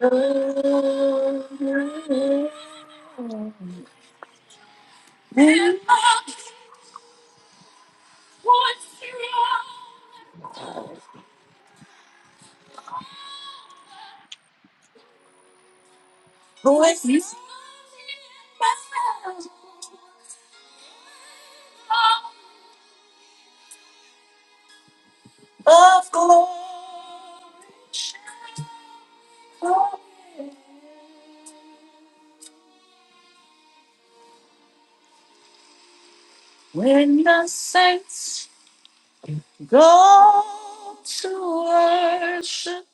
Voices of glory. When the saints go to worship,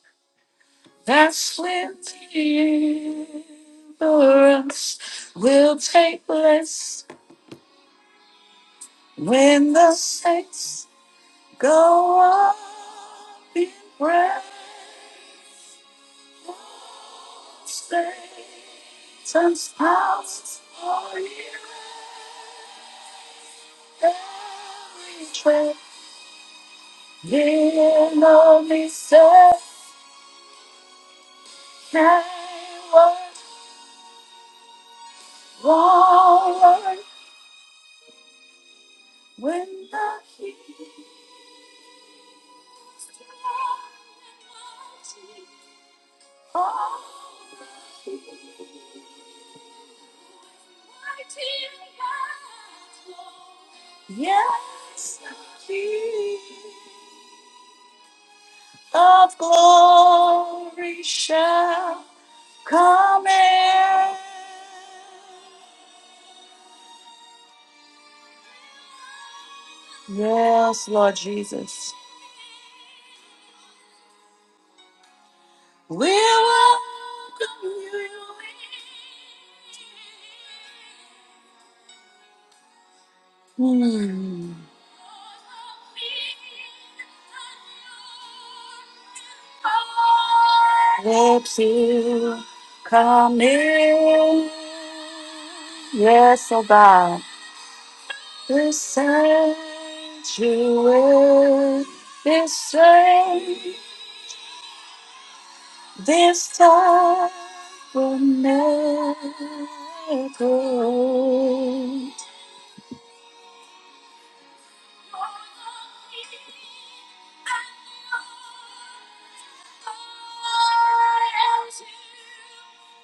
that's when deliverance will take place. When the saints go up in prayer, Satan's house are you every trip? The enemy said, Skyward, forward, when the heat of, yes, the heat of glory shall come in. Yes, Lord Jesus. We welcome you. Hmm. Let you come in. Yes, oh God. This sanctuary, this saint, this time will never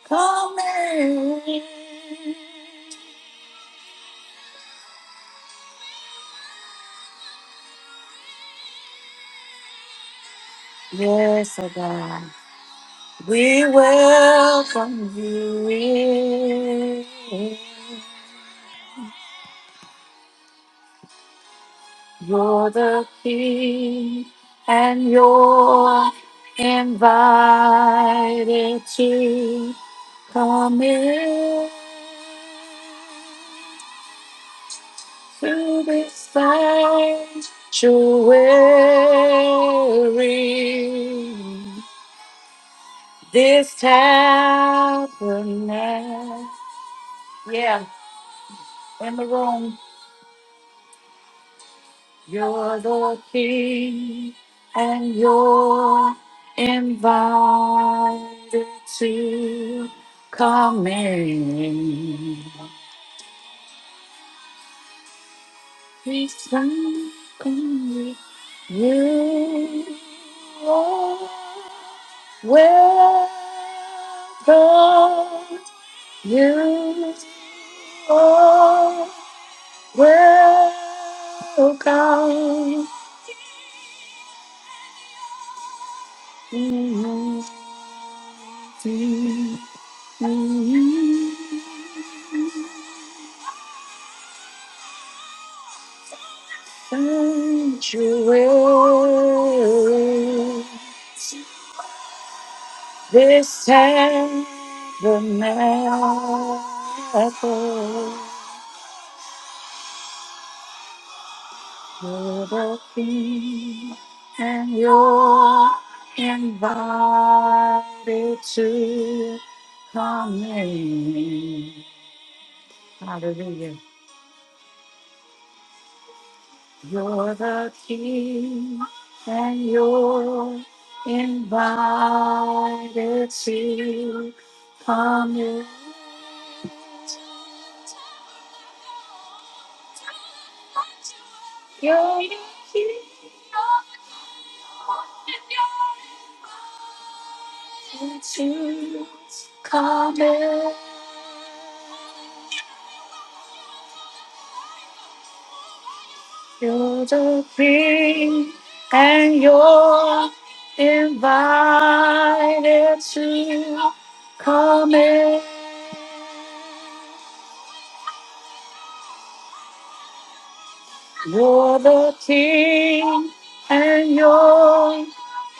Come in. Yes, oh God. We welcome you in. You're the King, and you're invited to come in to this sanctuary. This tabernacle, yeah, in the room. You're the king, and you're invited to come in. Please come, in. You are welcome. You are welcome. Sanctuary, this tabernacle, you're the king, and you're invited to come in. Hallelujah. You're the king, and you're invited to come in. You're the king to come in. You're the king, and you're invited to come in. You're the king and you're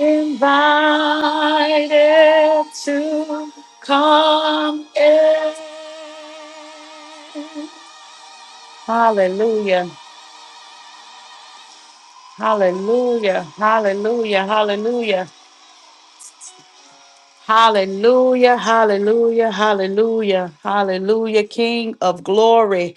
invited to come in. Hallelujah. Hallelujah. Hallelujah. Hallelujah. Hallelujah, hallelujah, hallelujah, hallelujah, King of glory.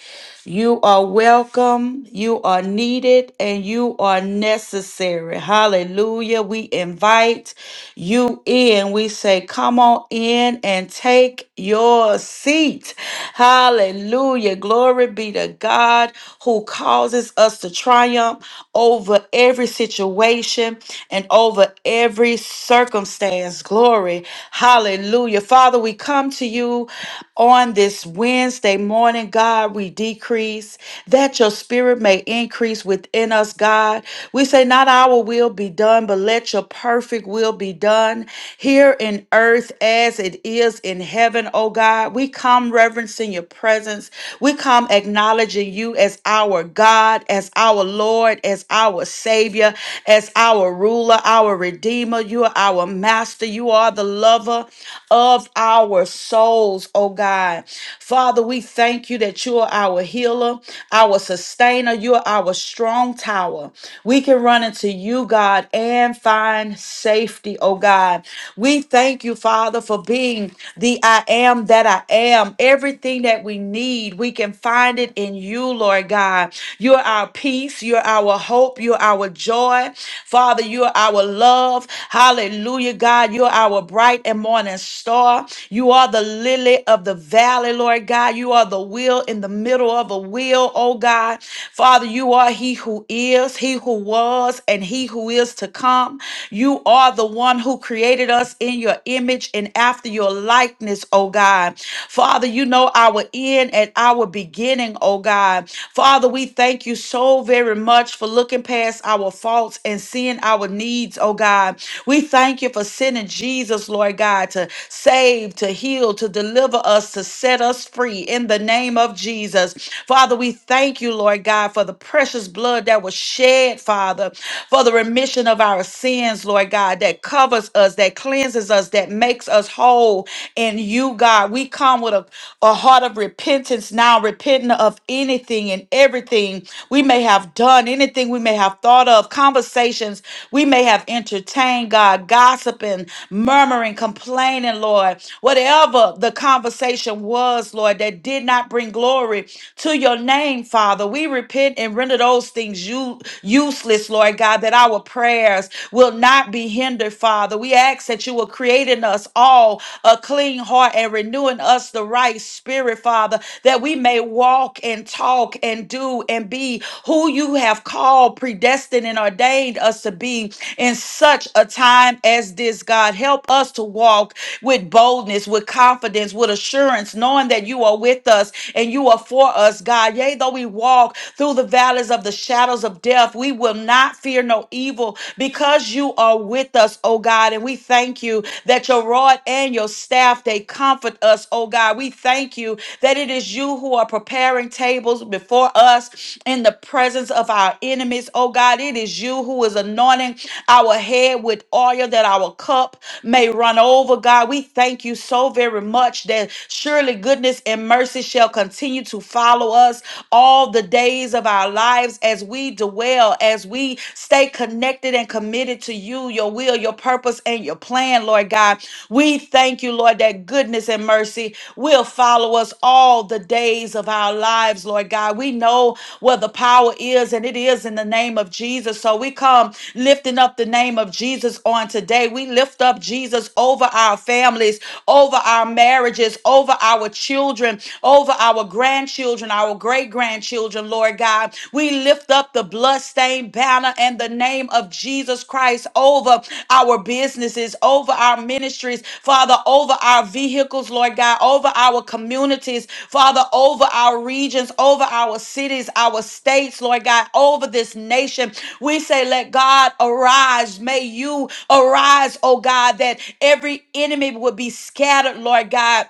You are welcome, you are needed, and you are necessary. Hallelujah. We invite you in. We say, Come on in and take your seat. Hallelujah. Glory be to God who causes us to triumph over every situation and over every circumstance. Glory. Hallelujah. Father, we come to you on this Wednesday morning. God, we decrease that your spirit may increase within us, God. We say, Not our will be done, but let your perfect will be done here in earth as it is in heaven, oh God. We come reverencing your presence. We come acknowledging you as our God, as our Lord, as our Savior, as our ruler, our Redeemer. You are our Master. You are the lover of our souls, oh God. Father, we thank you that you are our healer healer, our sustainer. You are our strong tower. We can run into you, God, and find safety, oh God. We thank you, Father, for being the I am that I am. Everything that we need, we can find it in you, Lord God. You're our peace. You're our hope. You're our joy. Father, you're our love. Hallelujah, God. You're our bright and morning star. You are the lily of the valley, Lord God. You are the wheel in the middle of a the will, oh God. Father, you are he who is, he who was, and he who is to come. You are the one who created us in your image and after your likeness, oh God. Father, you know our end and our beginning, oh God. Father, we thank you so very much for looking past our faults and seeing our needs, oh God. We thank you for sending Jesus, Lord God, to save, to heal, to deliver us, to set us free in the name of Jesus. Father, we thank you, Lord God, for the precious blood that was shed, Father, for the remission of our sins, Lord God, that covers us, that cleanses us, that makes us whole in you, God. We come with a, a heart of repentance now, repenting of anything and everything we may have done, anything we may have thought of, conversations we may have entertained, God, gossiping, murmuring, complaining, Lord, whatever the conversation was, Lord, that did not bring glory to your name, Father. We repent and render those things you, useless, Lord God, that our prayers will not be hindered, Father. We ask that you will create in us all a clean heart and renewing us the right spirit, Father, that we may walk and talk and do and be who you have called, predestined, and ordained us to be in such a time as this, God. Help us to walk with boldness, with confidence, with assurance, knowing that you are with us and you are for us, God. Yea, though we walk through the valleys of the shadows of death, we will not fear no evil because you are with us, oh God. And we thank you that your rod and your staff, they comfort us, oh God. We thank you that it is you who are preparing preparing tables before us in the presence of our enemies. Oh God, it is you who is anointing our head with oil that our cup may run over. God, we thank you so very much that surely goodness and mercy shall continue to follow us all the days of our lives as we dwell, as we stay connected and committed to you, your will, your purpose, and your plan, Lord. Lord God. We thank you, Lord, that goodness and mercy will follow us all the days of our lives, Lord God. We know where the power is, and it is in the name of Jesus. So we come lifting up the name of Jesus on today. We lift up Jesus over our families, over our marriages, over our children, over our grandchildren, our great grandchildren, Lord God. We lift lift up the bloodstained banner and the name of Jesus Christ over our businesses, over our ministries, Father, over our vehicles, Lord God, over our communities, Father, over our regions, over our cities, our states, Lord God, over this nation. We say, let God arise. May you arise, oh God, that every enemy would be scattered, Lord God.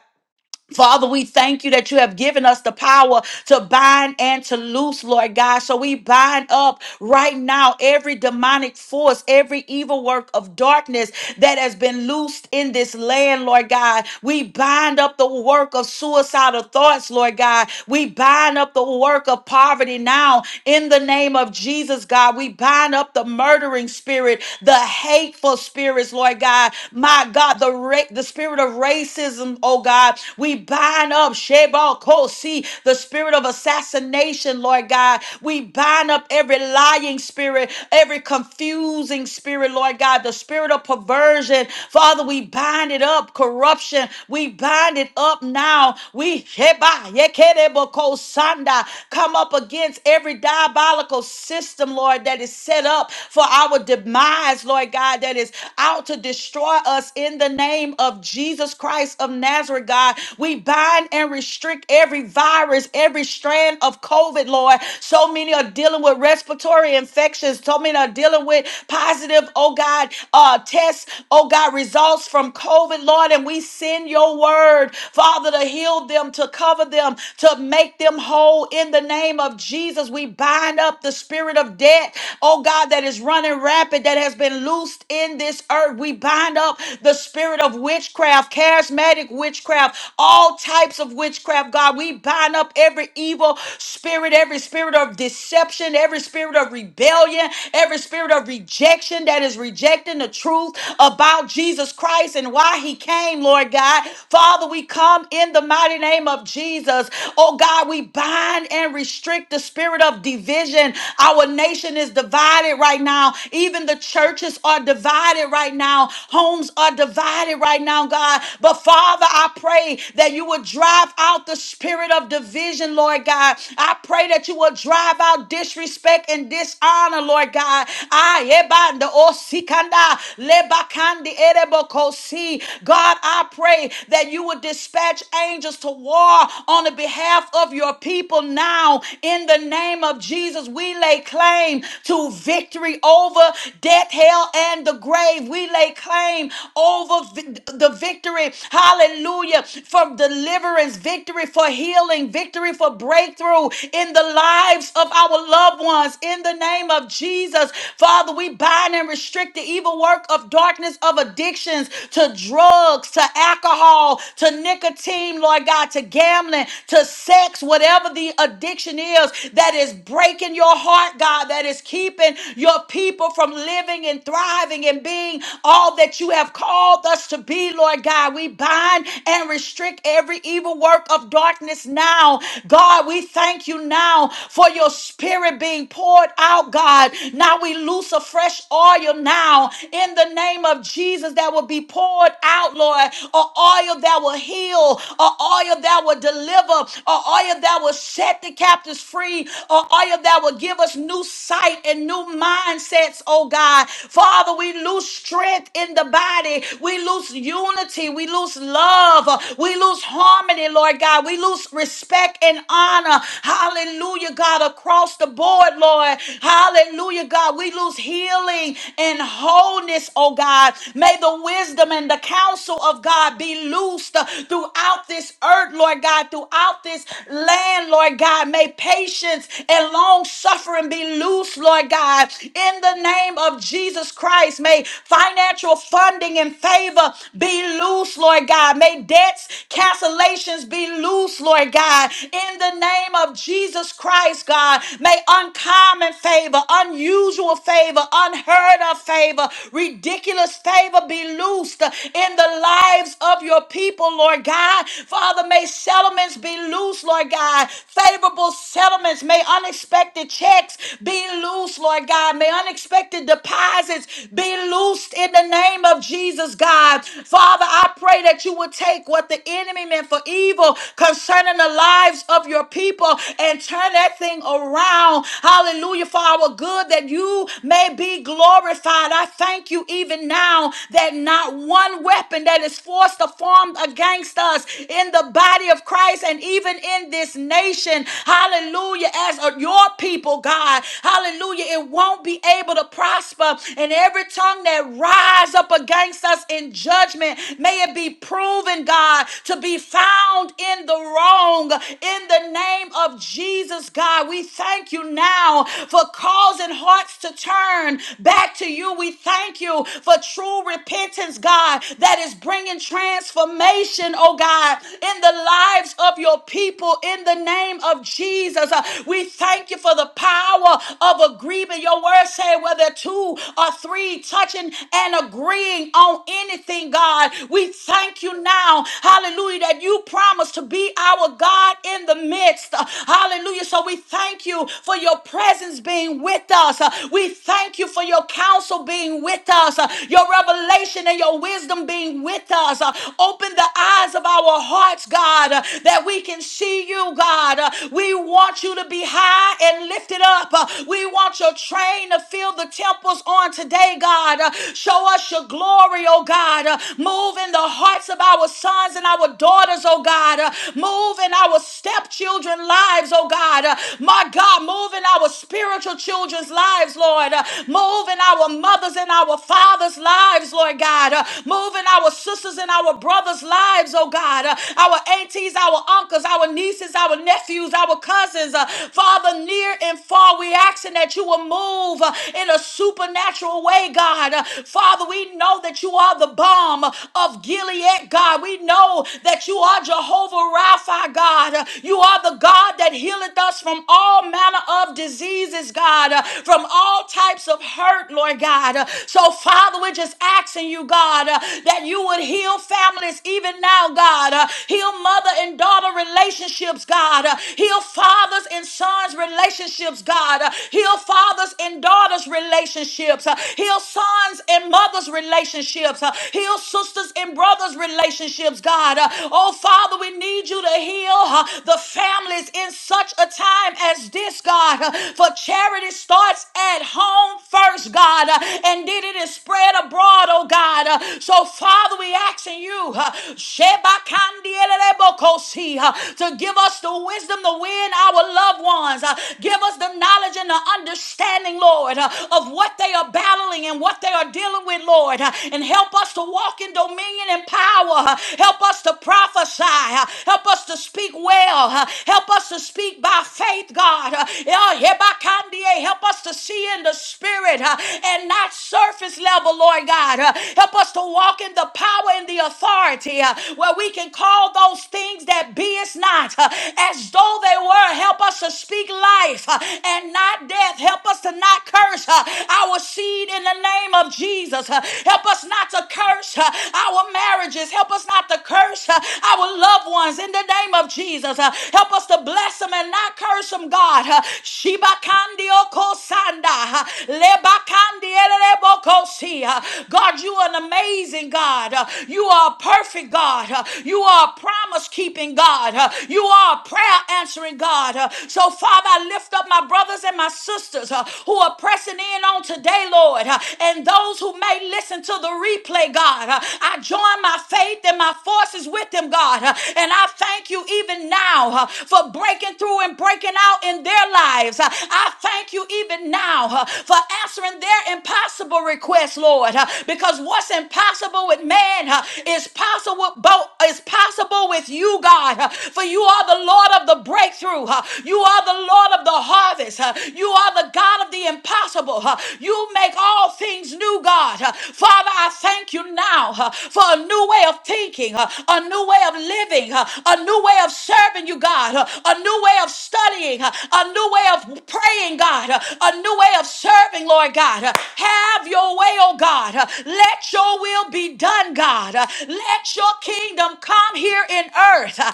Father, we thank you that you have given us the power to bind and to loose, Lord God. So we bind up right now every demonic force, every evil work of darkness that has been loosed in this land, Lord God. We bind up the work of suicidal thoughts, Lord God. We bind up the work of poverty now in the name of Jesus, God. We bind up the murdering spirit, the hateful spirits, Lord God. My God, the, ra- the spirit of racism, oh oh God. We bind up Shebal Kosi, the spirit of assassination, Lord God. We bind up every lying spirit, every confusing spirit, Lord God, the spirit of perversion. Father, we bind it up, corruption. We bind it up now. We Sheba, Yekerebo Kosanda, come up against every diabolical system, Lord, that is set up for our demise, Lord God, that is out to destroy us in the name of Jesus Christ. Christ of Nazareth, God. We bind and restrict every virus, every strand of COVID, Lord. So many are dealing with respiratory infections. So many are dealing with positive, oh God, uh, tests, oh God, results from COVID, Lord. And we send your word, Father, to heal them, to cover them, to make them whole in the name of Jesus. We bind up the spirit of debt, oh God, that is running rapid, that has been loosed in this earth. We bind up the spirit of witchcraft witchcraft, charismatic witchcraft, all types of witchcraft, God. We bind up every evil spirit, every spirit of deception, every spirit of rebellion, every spirit of rejection that is rejecting the truth about Jesus Christ and why he came, Lord God. Father, we come in the mighty name of Jesus. Oh God, we bind and restrict the spirit of division. Our nation is divided right now. Even the churches are divided right now. Homes are divided divided right now, God. But Father, I pray that you would drive out the spirit of division, Lord God. I pray that you would drive out disrespect and dishonor, Lord God. I ebanda osikanda lebakandi erebokosi. God, I pray that you would dispatch angels to war on the behalf of your people now. In the name of Jesus, we lay claim to victory over death, hell, and the grave. We lay claim claim over vi- the victory. Hallelujah. For deliverance, victory for healing, victory for breakthrough in the lives of our loved ones. In the name of Jesus, Father, we bind and restrict the evil work of darkness of addictions to drugs, to alcohol, to nicotine, Lord God, to gambling, to sex, whatever the addiction is that is breaking your heart, God, that is keeping your people from living and thriving and being being all that you have called us to be, Lord God. We bind and restrict every evil work of darkness now. God, we thank you now for your spirit being poured out, God. Now we loose a fresh oil now in the name of Jesus that will be poured out, Lord. A oil that will heal, a oil that will deliver, a oil that will set the captives free, a oil that will give us new sight and new mindsets, oh God. Father, Father, we lose strength in the body. We lose unity. We lose love. We lose harmony, Lord God. We lose respect and honor. Hallelujah, God, across the board, Lord. Hallelujah, God. We lose healing and wholeness, oh God. May the wisdom and the counsel of God be loosed throughout this earth, Lord God, throughout this land, Lord God. May patience and long suffering be loose, Lord God, in the name of of Jesus Christ. May financial funding and favor be loose, Lord God. May debts, cancellations be loose, Lord God. In the name of Jesus Christ, God, may uncommon favor, unusual favor, unheard of favor, ridiculous favor be loosed in the lives of your people, Lord God. Father, may settlements be loose, Lord God. Favorable settlements, may unexpected checks be loose, Lord God. May unexpected deposits be loosed in the name of Jesus, God. Father, I pray that you would take what the enemy meant for evil concerning the lives of your people and turn that thing around. Hallelujah, for our good, that you may be glorified. I thank you even now that not one weapon that is forced or formed against us in the body of Christ and even in this nation, hallelujah, as a, your people, God, hallelujah it won't be able to prosper. And every tongue that rise up against us in judgment, may it be proven, God, to be found in the wrong. In the name of Jesus, God, we thank you now for causing hearts to turn back to you. We thank you for true repentance, God, that is bringing transformation, oh God, in the lives of your people in the name of Jesus. Uh, We thank you for the power of agreement. Your word said whether two or three touching and agreeing on anything, God. We thank you now, hallelujah, that you promise to be our God in the midst. Hallelujah. So we thank you for your presence being with us. We thank you for your counsel being with us, your revelation and your wisdom being with us. Open the eyes of our hearts, God, that we can see you, God. We want you to be high and lifted lifted up. Uh, We want your train to fill the temples on today, God. Uh, Show us your glory, oh God. Uh, Move in the hearts of our sons and our daughters, oh God. Uh, Move in our stepchildren lives, oh God. Uh, My God, move in our spiritual children's lives, Lord. Uh, Move in our mothers and our fathers' lives, Lord God. Uh, Move in our sisters and our brothers' lives, oh God. Uh, Our aunties, our uncles, our nieces, our nephews, our cousins. Uh, Father, Father, near and far, we asking that you will move uh, in a supernatural way, God. Uh, Father, we know that you are the bomb of Gilead, God. We know that you are Jehovah Rapha, God. Uh, You are the God that healeth us from all manner of diseases, God, uh, from all types of hurt, Lord God. Uh, So, Father, we're just asking you, God, uh, that you would heal families even now, God. Uh, Heal mother and daughter relationships, God. Uh, Heal father fathers and sons relationships, God. Uh, Heal fathers and daughters relationships. Uh, Heal sons and mothers relationships. Uh, Heal sisters and brothers relationships, God. Uh, Oh, Father, we need you to heal uh, the families in such a time as this, God. Uh, For charity starts at home first, God, uh, and then it is spread abroad, oh God. Uh, So, Father, we asking you, uh, Shebakandielebokosi, uh, to give us the wisdom to win our loved ones. Uh, Give us the knowledge and the understanding, Lord, uh, of what they are battling and what they are dealing with, Lord. Uh, And help us to walk in dominion and power. Uh, Help us to prophesy. Uh, Help us to speak well. Uh, Help us to speak by faith, God. Uh, yeah, Hebakandie, Help us to see in the spirit uh, and not surface level, Lord God. Uh, Help us to walk in the power and the authority uh, where we can call those things that be is not. Uh, as though they were. Help us to speak life uh, and not death. Help us to not curse uh, our seed in the name of Jesus. Uh, Help us not to curse uh, our marriages. Help us not to curse uh, our loved ones in the name of Jesus. Uh, Help us to bless them and not curse them, God. Uh, Shibakandio kosanda, uh, lebakandielebokosi, uh, God, you are an amazing God. Uh, You are a perfect God. Uh, You are a promise keeping God. God. Uh, You are a prayer answering God. Uh, So, Father, I lift up my brothers and my sisters uh, who are pressing in on today, Lord, uh, and those who may listen to the replay, God. Uh, I join my faith and my forces with them, God. Uh, And I thank you even now uh, for breaking through and breaking out in their lives. Uh, I thank you even now uh, for answering their impossible requests, Lord, uh, because what's impossible with man uh, is possible, bo- is possible with you you, God, uh, for you are the Lord of the breakthrough. uh, You are the Lord of the harvest. uh, You are the God of the impossible. uh, You make all things new, God. Uh, Father, I thank you now uh, for a new way of thinking, uh, a new way of living, uh, a new way of serving you, God, uh, a new way of studying, uh, a new way of praying, God, uh, a new way of serving, Lord God. Uh, Have your way, oh God. Uh, Let your will be done, God. Uh, Let your kingdom come, come here in earth uh,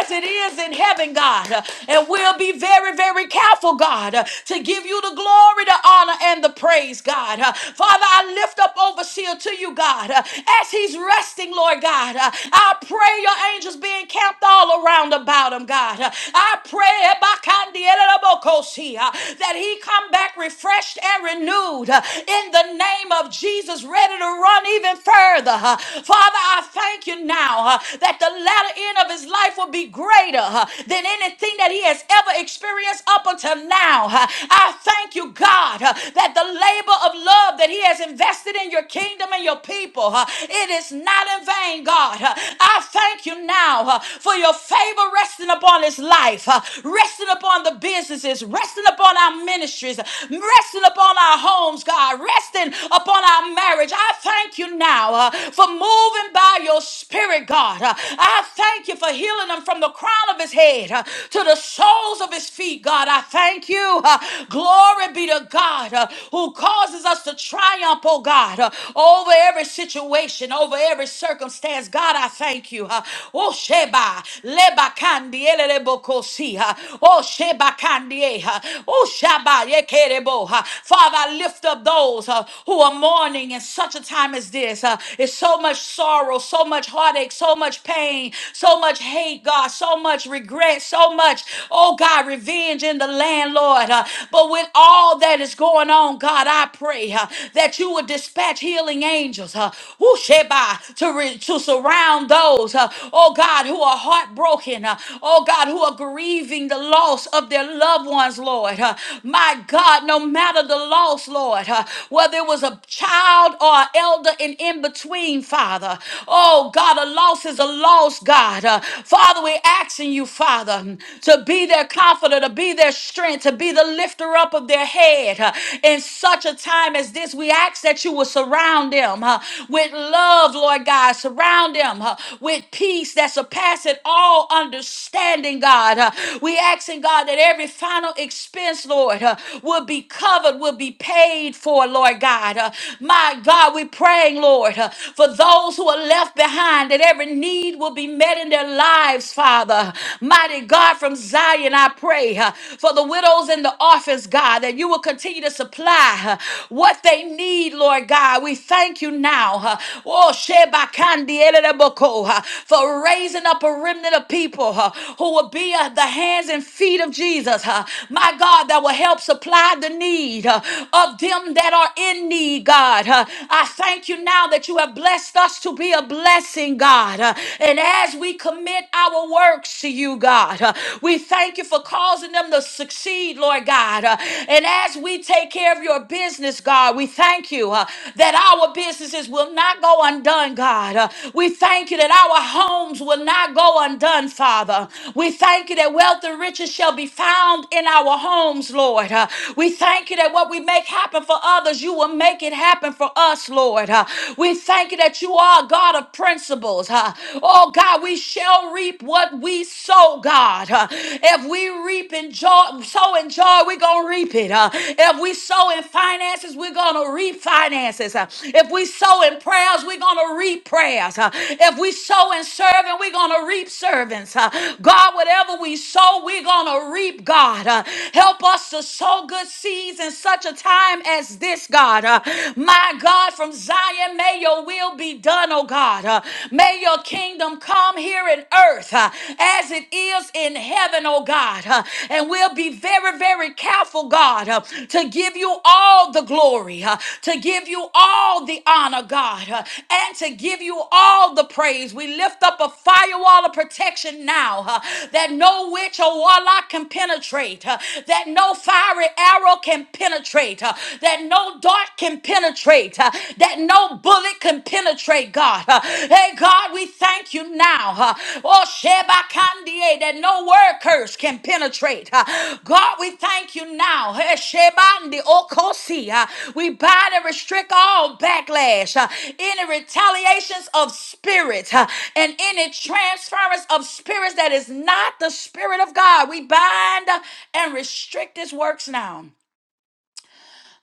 as it is in heaven, God. Uh, And we'll be very, very careful, God, uh, to give you the glory, the honor, and the praise, God. Uh, Father, I lift up overseer to you, God, uh, as he's resting, Lord God. Uh, I pray your angels be encamped all around about him, God. Uh, I pray Ebakandielebokosi, uh, that he come back refreshed and renewed uh, in the name of Jesus, ready to run even further. Uh, Father, I thank you now him now uh, that the latter end of his life will be greater uh, than anything that he has ever experienced up until now. uh. I thank you, God, uh, that the labor of love that he has invested in your kingdom and your people, uh, it is not in vain, God. Uh, I thank you now uh, for your favor resting upon his life, uh, resting upon the businesses, resting upon our ministries, resting upon our homes, God, resting upon our marriage. I thank you now uh, for moving by by your spirit, God. Uh, I thank you for healing him from the crown of his head uh, to the soles of his feet, God. I thank you. Uh, Glory be to God uh, who causes us to triumph, oh God, uh, over every situation, over every circumstance. God, I thank you. Uh, Oh, Sheba, Leba Kandi, Elelebokosi, uh, Oh, Sheba Kandi, eh, uh, Oh, Shaba, Yekerebo. uh, Father, I lift up those uh, who are mourning in such a time as this. uh, It's so so much sorrow, so much heartache, so much pain, so much hate, God, so much regret, so much, oh God, revenge in the land, Lord. Uh, but with all that is going on, God, I pray uh, that you would dispatch healing angels uh, whoo, Sheba, to, re- to surround those, uh, oh God, who are heartbroken, uh, oh God, who are grieving the loss of their loved ones, Lord. Uh, my God, no matter the loss, Lord, uh, whether it was a child or an elder in in between, Father. Oh, God, a loss is a loss, God. Uh, Father, we're asking you, Father, to be their comforter, to be their strength, to be the lifter up of their head. Uh, in such a time as this, we ask that you will surround them uh, with love, Lord God. Surround them uh, with peace that surpasses all understanding, God. Uh, we asking, God, that every final expense, Lord, uh, will be covered, will be paid for, Lord God. Uh, my God, we God, we're praying, Lord, uh, for those who are left behind, that every need will be met in their lives, Father. Mighty God, from Zion, I pray uh, for the widows and the orphans, God, that you will continue to supply uh, what they need, Lord God. We thank you now. uh, Oh, Shebakandi Eleleboko, uh, for raising up a remnant of people uh, who will be uh, the hands and feet of Jesus. uh, My God, that will help supply the need uh, of them that are in need, God. God. Uh, I thank you now that you have blessed us to be a blessing, God. Uh, And as we commit our works to you, God, uh, we thank you for causing them to succeed, Lord God. Uh, And as we take care of your business, God, we thank you uh, that our businesses will not go undone, God. Uh, We thank you that our homes will not go undone, Father. We thank you that wealth and riches shall be found in our homes, Lord. Uh, We thank you that what we make happen for others, you will you will make it happen for us, Lord. Uh, we thank you that you are a God of principles. Uh, oh, God, we shall reap what we sow, God. Uh, if we reap in joy, sow in joy, we're going to reap it. Uh, if we sow in finances, we're going to reap finances. Uh, if we sow in prayers, we're going to reap prayers. Uh, if we sow in serving, we're going to reap servants. Uh, God, whatever we sow, we're going to reap, God. Uh, help us to sow good seeds in such a time as this, God. Uh, my God, from Zion, may your will be done, oh God. Uh, may your kingdom come here in earth uh, as it is in heaven, oh God. Uh, and we'll be very, very careful, God, uh, to give you all the glory, uh, to give you all the honor, God, uh, and to give you all the praise. We lift up a firewall of protection now uh, that no witch or warlock can penetrate, uh, that no fiery arrow can penetrate penetrate, uh, that no dart can penetrate, uh, that no bullet can penetrate, God. Uh, Hey, God, we thank you now. uh, Oh, Sheba Kandie, that no word curse can penetrate. uh, God, we thank you now. Hey, Shebandi Okosi, uh, we bind and restrict all backlash, uh, any retaliations of spirit, uh, and any transference of spirits that is not the spirit of God. We bind uh, and restrict his works now.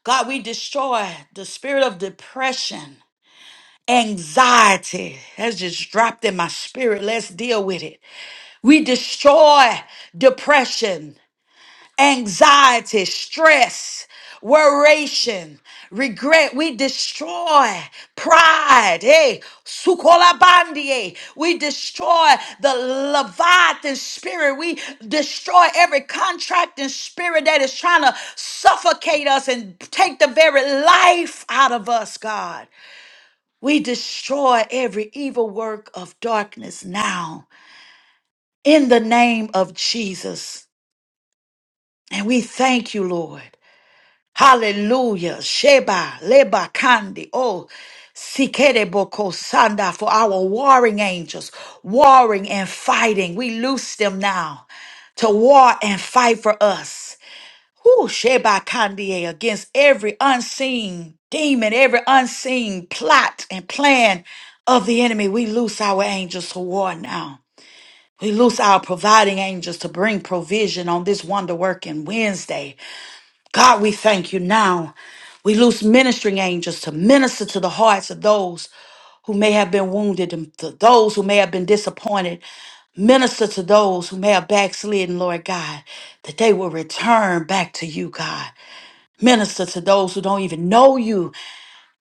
God, we destroy the spirit of depression, anxiety has just dropped in my spirit. Let's deal with it. We destroy depression anxiety, stress, worration, regret. We destroy pride. Hey, sukolabandie. We destroy the Leviathan spirit. We destroy every contracting spirit that is trying to suffocate us and take the very life out of us, God. We destroy every evil work of darkness now in the name of Jesus. And we thank you, Lord. Hallelujah. Sheba, Leba, Kandi. Oh, Sikerebo, Boko Sanda for our warring angels, warring and fighting. We loose them now to war and fight for us. Who Sheba Kandie against every unseen demon, every unseen plot and plan of the enemy. We loose our angels to war now. We loose our providing angels to bring provision on this wonder working Wednesday. God, we thank you now. We loose ministering angels to minister to the hearts of those who may have been wounded and to those who may have been disappointed. Minister to those who may have backslidden, Lord God, that they will return back to you, God. Minister to those who don't even know you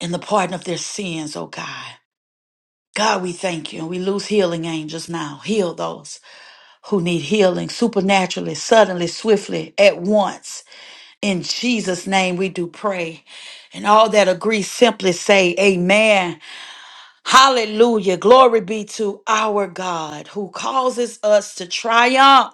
in the pardon of their sins, oh God. God, we thank you. And we lose healing angels now. Heal those who need healing supernaturally, suddenly, swiftly, at once. In Jesus' name, we do pray. And all that agree, simply say, Amen. Hallelujah. Glory be to our God who causes us to triumph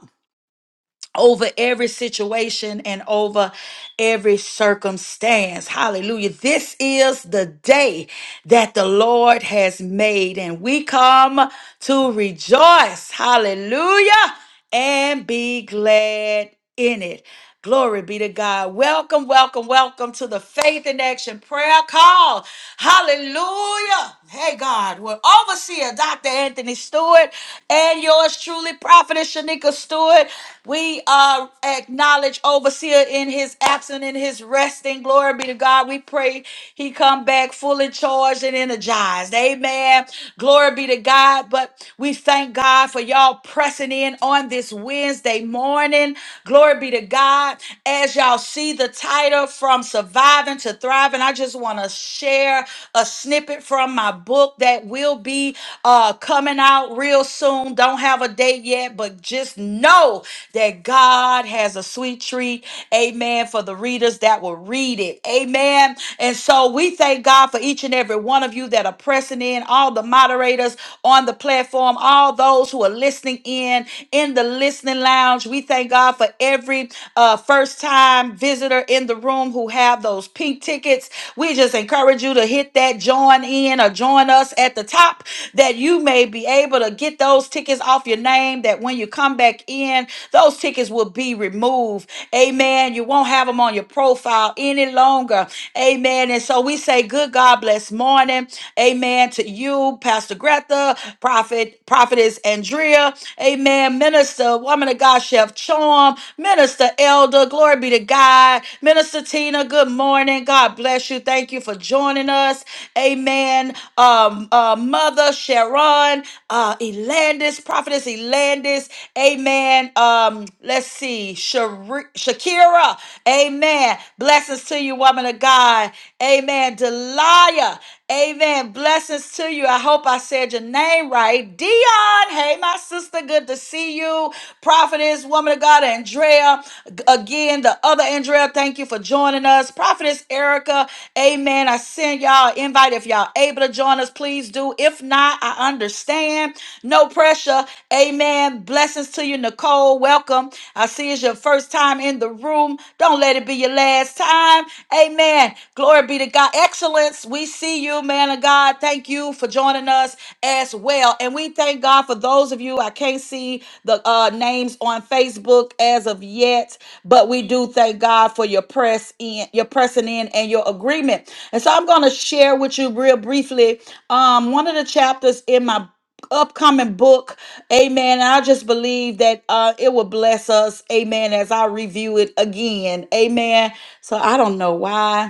over every situation and over every circumstance. Hallelujah. This is the day that the Lord has made, and we come to rejoice. Hallelujah. And be glad in it. Glory be to God. Welcome, welcome, welcome to the Faith in Action prayer call. Hallelujah. Hey, God, we're overseer Dr. Anthony Stewart and yours truly, Prophetess Shanika Stewart. We uh, acknowledge overseer in his absence, in his resting. Glory be to God. We pray he come back fully charged and energized. Amen. Glory be to God. But we thank Thank God for y'all pressing in on this Wednesday morning. Glory be to God. As y'all see the title from surviving to thriving, I just want to share a snippet from my book that will be uh, coming out real soon. Don't have a date yet, but just know that God has a sweet treat. Amen. For the readers that will read it. Amen. And so we thank God for each and every every one of you that are pressing in, all the moderators on the platform, all those who are listening in in the listening lounge. We thank God for every uh, first time visitor in the room who have those pink tickets. We just encourage you to hit that join in or join us at the top that you may be able to get those tickets off your name. That when you come back in, those tickets will be removed. Amen. You won't have them on your profile profile any longer. Amen. And so we say, good God bless morning. Amen to you, Pastor Greta, Prophet, Prophetess Andrea. Amen. Minister, woman of God, Chef Chom, Minister Elder, glory be to God. Minister Tina, good morning. God bless you. Thank you for joining us. Amen. Um, uh, Mother Sharon, uh, Elandis, Prophetess Elandis. Amen and um, let's see, Shari- Shakira, amen. Blessings to you, woman of God, amen. Delia, amen. Blessings to you. I hope I said your name right. Dion, hey, my sister, good to see you. Prophetess, woman of God, Andrea, g- again, the other Andrea, thank you for joining us. Prophetess Erica, amen. I send y'all an invite if y'all able to join us, please do. If not, I understand. No pressure. Amen. Blessings to you, Nicole. Welcome. I see it's your first time in the room. Don't let it be your last time. Amen. Glory be to God. Excellence. We see you, man of God. Thank you for joining us as well. And we thank God for those of you. I can't see the uh, names on Facebook as of yet, but we do thank God for your press in, your pressing in, and your agreement. And so I'm going to share with you real briefly um, one of the chapters in my upcoming book amen and i just believe that uh it will bless us amen as i review it again amen so i don't know why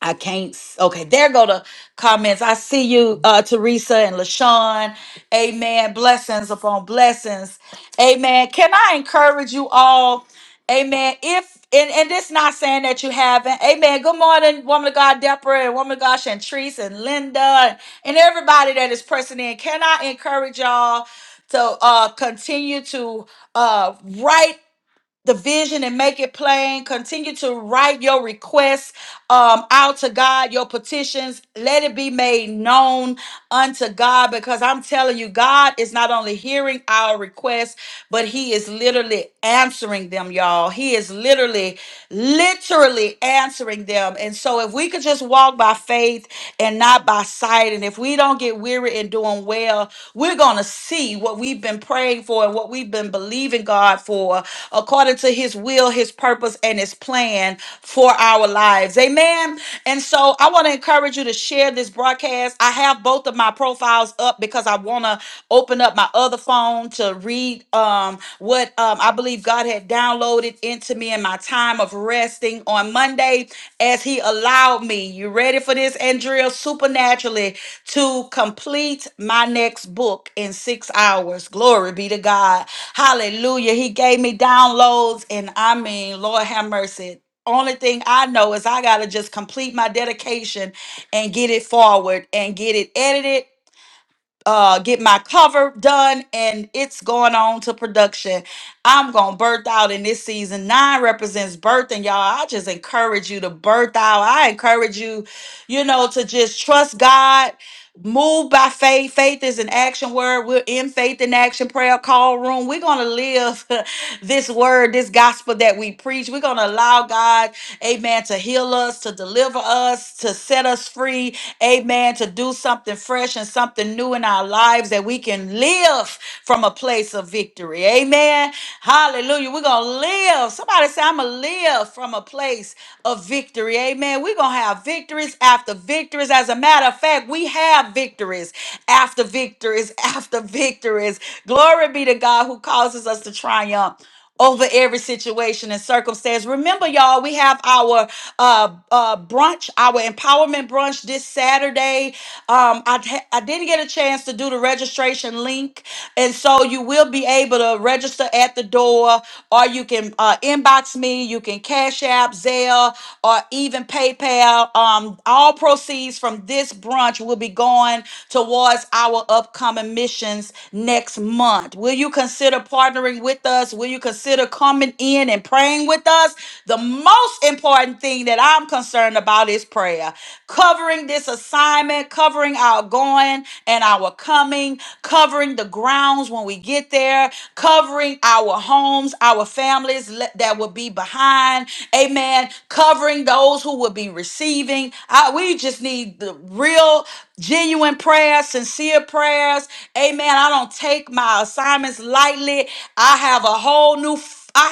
I can't. s- Okay, there go the comments. I see you, uh, Teresa and LaShawn. Amen. Blessings upon blessings. Amen. Can I encourage you all? Amen. If and, and this not saying that you haven't. Amen. Good morning, woman of God, Deborah, and woman of God, Shantrice, and Linda, and and everybody that is pressing in. Can I encourage y'all to uh, continue to uh, write? the vision and make it plain. Continue to write your requests um, out to God, your petitions. Let it be made known unto God because I'm telling you, God is not only hearing our requests, but He is literally answering them, y'all. He is literally, literally answering them. And so if we could just walk by faith and not by sight, and if we don't get weary in doing on well. We're going to see what we've been praying for and what we've been believing God for according to his will, his purpose, and his plan for our lives. Amen. And so I want to encourage you to share this broadcast. I have both of my profiles up because I want to open up my other phone to read um, what um, I believe God had downloaded into me in my time of resting on Monday as he allowed me. You ready for this, Andrea? Supernaturally to complete my next book in six hours. Glory be to God. Hallelujah. He gave me downloads, and I mean, Lord have mercy. Only thing I know is I got to just complete my dedication and get it forward and get it edited uh get my cover done and it's going on to production i'm gonna birth out in this season nine represents birth and y'all i just encourage you to birth out i encourage you you know to just trust god move by faith faith is an action word we're in faith in action prayer call room we're gonna live this word, this gospel that we preach. We're going to allow God, amen, to heal us, to deliver us, to set us free, amen, to do something fresh and something new in our lives that we can live from a place of victory. Amen. Hallelujah. We're going to live. Somebody say, I'm going to live from a place of victory. Amen. We're going to have victories after victories. As a matter of fact, we have victories after victories after victories. Glory be to God who causes us to triumph over every situation and circumstance. Remember, y'all, we have our uh, uh, brunch, our empowerment brunch this Saturday. Um, I I t- I didn't get a chance to do the registration link, and so you will be able to register at the door, or you can uh, inbox me. You can Cash App, Zelle, or even PayPal. Um, all proceeds from this brunch will be going towards our upcoming missions next month. Will you consider partnering? with? with us? Will you consider coming in and praying with us? The most important thing that I'm concerned about is prayer. Covering this assignment, covering our going and our coming, covering the grounds when we get there, covering our homes, our families le- that will be behind. Amen. Covering those who will be receiving. I, we just need the real, genuine prayers, sincere prayers. Amen. I don't take my assignments lightly lightly. I have a whole new I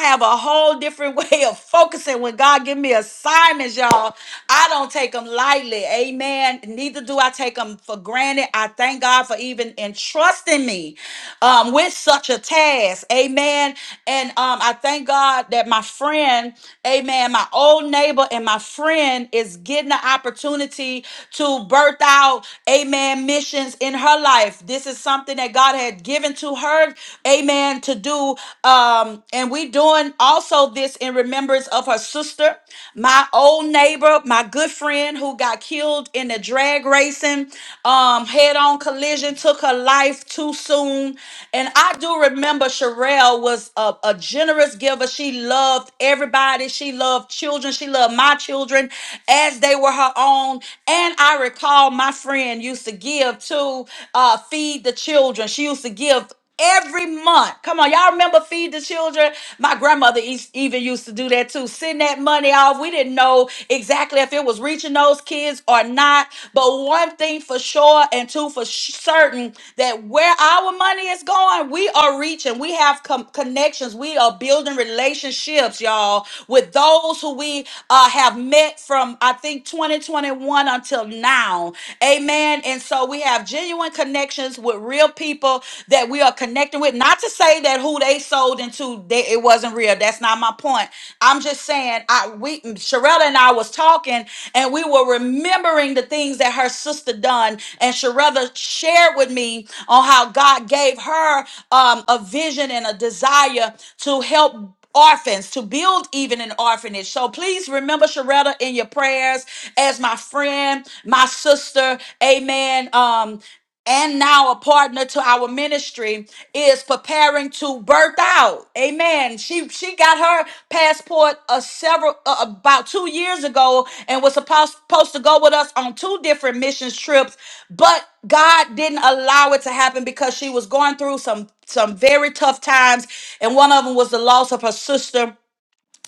have a whole different way of focusing when God give me assignments, y'all. I don't take them lightly. Amen. Neither do I take them for granted. I thank God for even entrusting me um, with such a task. Amen. And um, I thank God that my friend, amen, my old neighbor and my friend is getting the opportunity to birth out, amen, missions in her life. This is something that God had given to her to her, amen, to do. Um, and we doing also this in remembrance of her sister, my old neighbor, my good friend who got killed in the drag racing, um, head-on collision, took her life too soon. And I do remember Sherelle was a, a generous giver. She loved everybody. She loved children. She loved my children as they were her own. And I recall my friend used to give to uh, feed the children. She used to give every month. Come on, y'all remember feed the children? My grandmother is- even used to do that too. Send that money off. We didn't know exactly if it was reaching those kids or not. But one thing for sure and two for sh- certain that where our money is going, we are reaching. We have com- connections. We are building relationships, y'all, with those who we uh, have met from, I think, 2021 until now. Amen. And so we have genuine connections with real real people that we are connecting with. Not to say that who they sold into they, it wasn't real. That's not my point. I'm just saying I we Sherelle and I was talking and we were remembering the things that her sister done and Sherelle shared with me on how God gave her um, a vision and a desire to help orphans to build even an orphanage so please remember sharetta in your prayers as my friend my sister amen um and now a partner to our ministry is preparing to birth out amen she she got her passport a several uh, about two years ago and was supposed, supposed to go with us on two different missions trips but god didn't allow it to happen because she was going through some some very tough times and one of them was the loss of her sister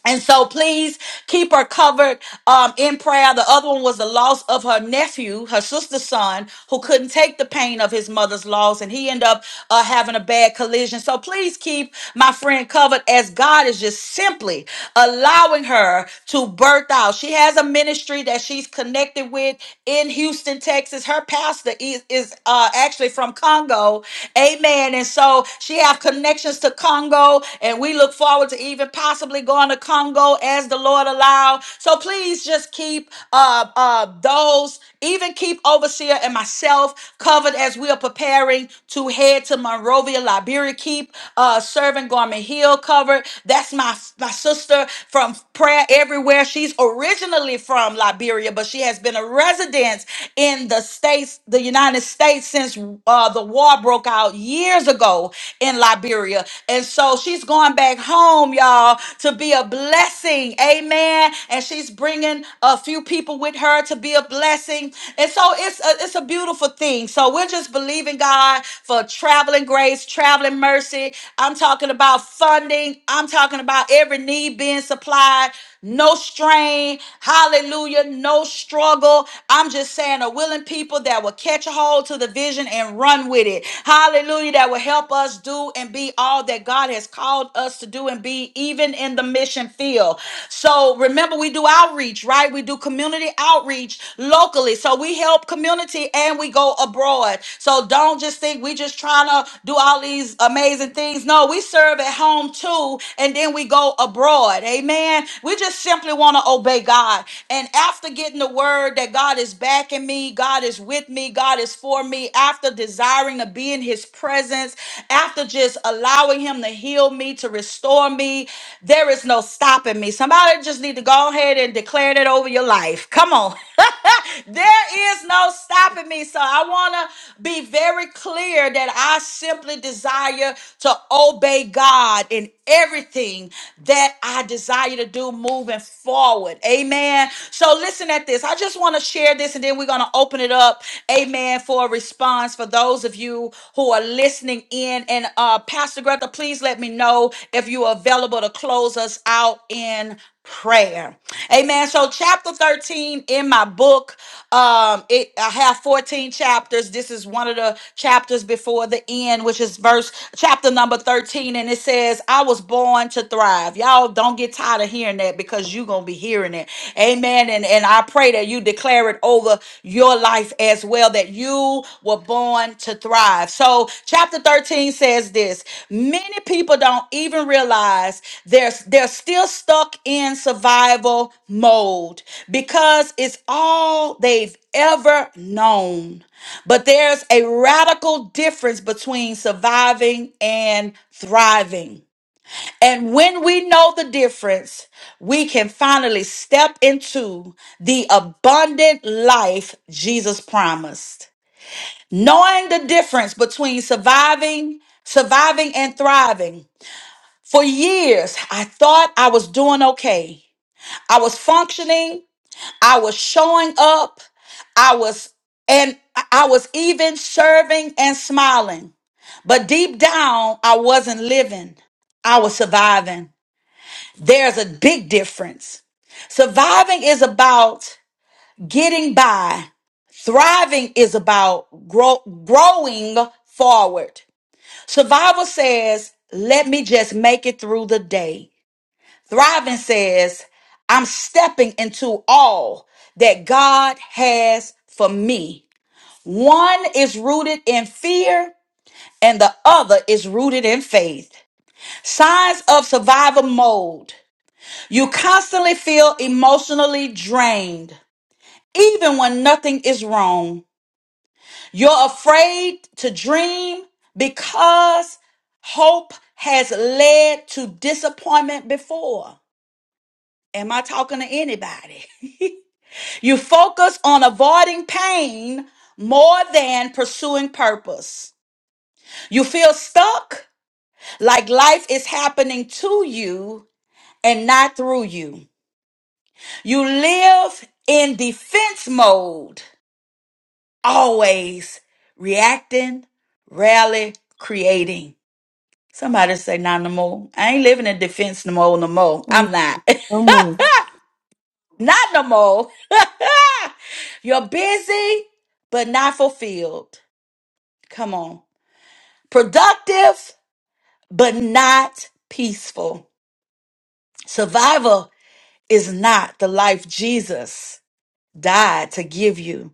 and so please keep her covered um, in prayer. The other one was the loss of her nephew, her sister's son, who couldn't take the pain of his mother's loss, and he ended up uh, having a bad collision. So please keep my friend covered as God is just simply allowing her to birth out. She has a ministry that she's connected with in Houston, Texas. Her pastor is, is uh, actually from Congo. Amen saying? And so she have connections to Congo, and we look forward to even possibly going to Congo as the Lord allow. So please just keep uh uh those, even keep overseer and myself covered as we are preparing to head to Monrovia, Liberia. Keep uh serving Garment Hill covered. That's my my sister from prayer everywhere. She's originally from Liberia, but she has been residents in the states, the United States, since uh, the war broke out years ago in Liberia. And so she's going back home, y'all, to be a blessing. Amen. And she's bringing a few people with her to be a blessing. And so it's a, it's a beautiful thing. So we're just believing God for traveling grace, traveling mercy. I'm talking about funding. I'm talking about every need being supplied no strain. Hallelujah. No struggle. I'm just saying, a willing people that will catch a hold to the vision and run with it. Hallelujah. That will help us do and be all that God has called us to do and be, even in the mission field. So remember, we do outreach, right? We do community outreach locally. So we help community and we go abroad. So don't just think we just trying to do do all these amazing things. No, we serve at home too, and then we go abroad. Amen. We just simply want to obey God. And after getting the word that God is backing me, God is with me, God is for me, after desiring to be in his presence, after just allowing him to heal me, to restore me, there is no stopping me. Somebody just need to go ahead and declare that over your life. Come on. There is no stopping me. So I want to be very clear that I simply desire to obey God in everything that I desire to do moving forward. Amen. So listen at this. I just want to share this and then we're going to open it up. Amen. For a response for those of you who are listening in and and uh, Pastor Greta, please let me know if you are available to close us out in prayer. Amen. So chapter 13 in my book, um, it I have 14 chapters. This is one of the chapters before the end, which is verse chapter number 13, and it says, I was born to thrive. Y'all don't get tired of hearing that because because you're gonna be hearing it. Amen. And and I pray that you declare it over your life as well, that you were born to thrive. So chapter 13 says this: many people don't even realize they're they're still stuck in survival mode because it's all they've ever known. But there's a radical difference between surviving and thriving. And when we know the difference, we can finally step into the abundant life Jesus promised. Knowing the difference between surviving, surviving and thriving. For years, I thought I was doing okay. I was functioning, I was showing up, I was and I was even serving and smiling. But deep down, I wasn't living. I was surviving. There's a big difference. Surviving is about getting by. Thriving is about grow, growing forward. Survival says, let me just make it through the day. Thriving says, I'm stepping into all that God has for me. One is rooted in fear and the other is rooted in faith. Signs of survival mode. You constantly feel emotionally drained, even when nothing is wrong. You're afraid to dream because hope has led to disappointment before. Am I talking to anybody? you focus on avoiding pain more than pursuing purpose. You feel stuck, like life is happening to you and not through you. You live in defense mode, always reacting, rarely creating. Somebody say, not no more. I ain't living in defense no more, no more. And I'm not. no more. not no more. You're busy, but not fulfilled. Come on. Productive, but not peaceful. Survival is not the life Jesus died to give you.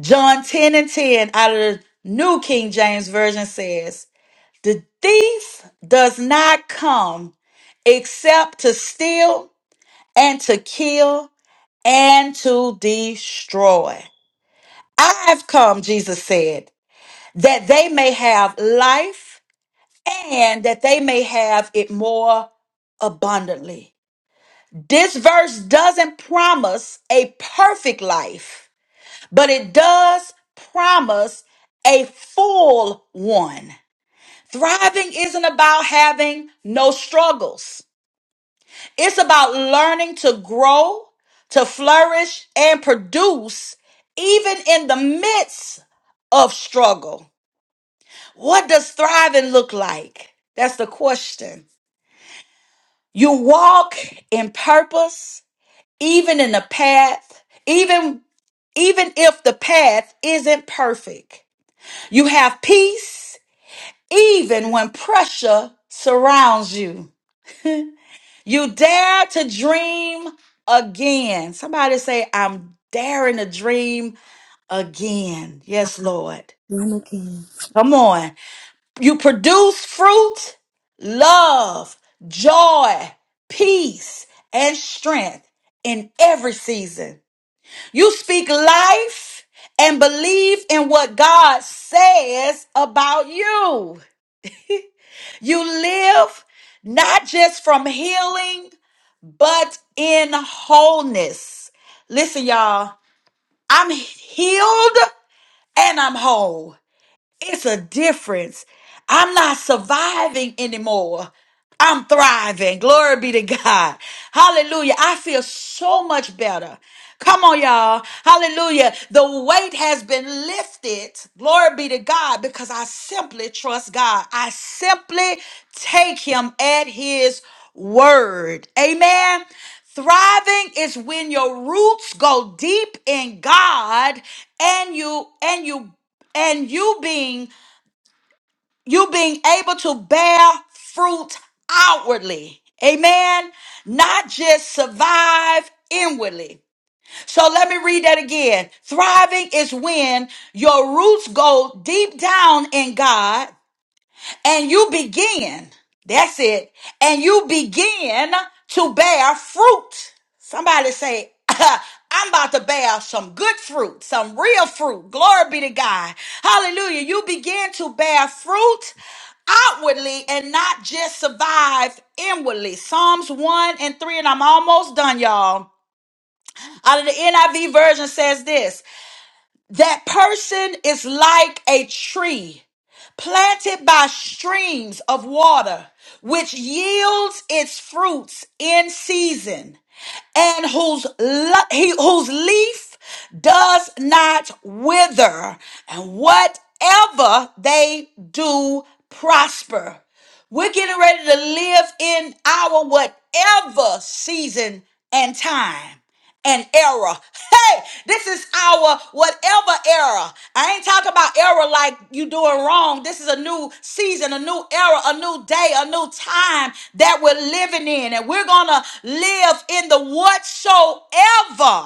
John 10 and 10 out of the New King James Version says, The thief does not come except to steal and to kill and to destroy. I've come, Jesus said, that they may have life and that they may have it more abundantly. This verse doesn't promise a perfect life but it does promise a full one. Thriving isn't about having no struggles. It's about learning to grow, to flourish, and produce even in the midst of struggle. What does thriving look like? That's the question. You walk in purpose even in the path, even even if the path isn't perfect. You have peace even when pressure surrounds you. You dare to dream again. Somebody say, I'm daring to dream again. Yes, Lord. None again. Come on. You produce fruit, love, joy, peace, and strength in every season. You speak life and believe in what God says about you. You live not just from healing, but in wholeness. Listen, y'all, I'm healed and I'm whole. It's a difference. I'm not surviving anymore. I'm thriving. Glory be to God. Hallelujah. I feel so much better. Come on, y'all. Hallelujah. The weight has been lifted. Glory be to God because I simply trust God. I simply take Him at His word. Amen. Thriving is when your roots go deep in God and you and you and you being you being able to bear fruit outwardly amen not just survive inwardly so let me read that again thriving is when your roots go deep down in god and you begin, that's it, and you begin to bear fruit. Somebody say, I'm about to bear some good fruit, some real fruit. Glory be to God. Hallelujah. You begin to bear fruit outwardly and not just survive inwardly. Psalms 1 and 3, and I'm almost done, y'all. Out of the NIV version says this. That person is like a tree planted by streams of water, which yields its fruits in season, and whose, le- he, whose leaf does not wither, and whatever they do prosper. We're getting ready to live in our whatever season and time and error. Hey, this is our whatever era. I ain't talking about era like you doing wrong. This is a new season, a new era, a new day, a new time that we're living in. And we're going to live in the whatsoever.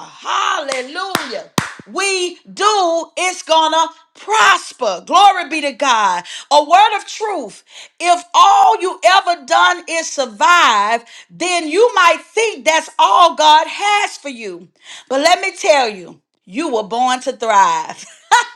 Hallelujah we do, it's gonna prosper. Glory be to God. A word of truth. If all you ever done is survive, then you might think that's all God has for you. But let me tell you, you were born to thrive.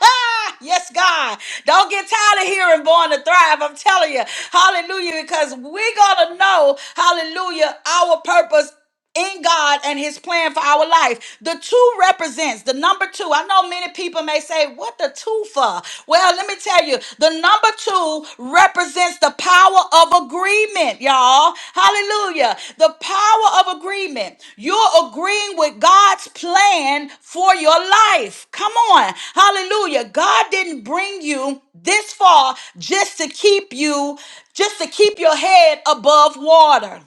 yes, God. Don't get tired of hearing born to thrive. I'm telling you. Hallelujah. Because we're going to know, hallelujah, our purpose in God and his plan for our life. The two represents the number 2. I know many people may say, "What the two for?" Well, let me tell you, the number 2 represents the power of agreement, y'all. Hallelujah. The power of agreement. You're agreeing with God's plan for your life. Come on. Hallelujah. God didn't bring you this far just to keep you just to keep your head above water.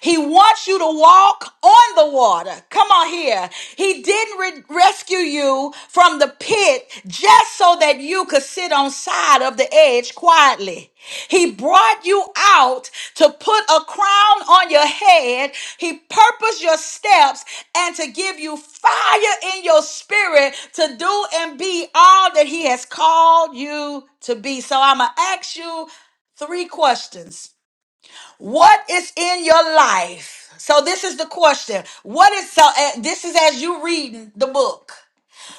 He wants you to walk on the water. Come on here. He didn't re- rescue you from the pit just so that you could sit on side of the edge quietly. He brought you out to put a crown on your head. He purposed your steps and to give you fire in your spirit to do and be all that he has called you to be. So I'm going to ask you three questions what is in your life? So this is the question. What is so uh, this is as you reading the book.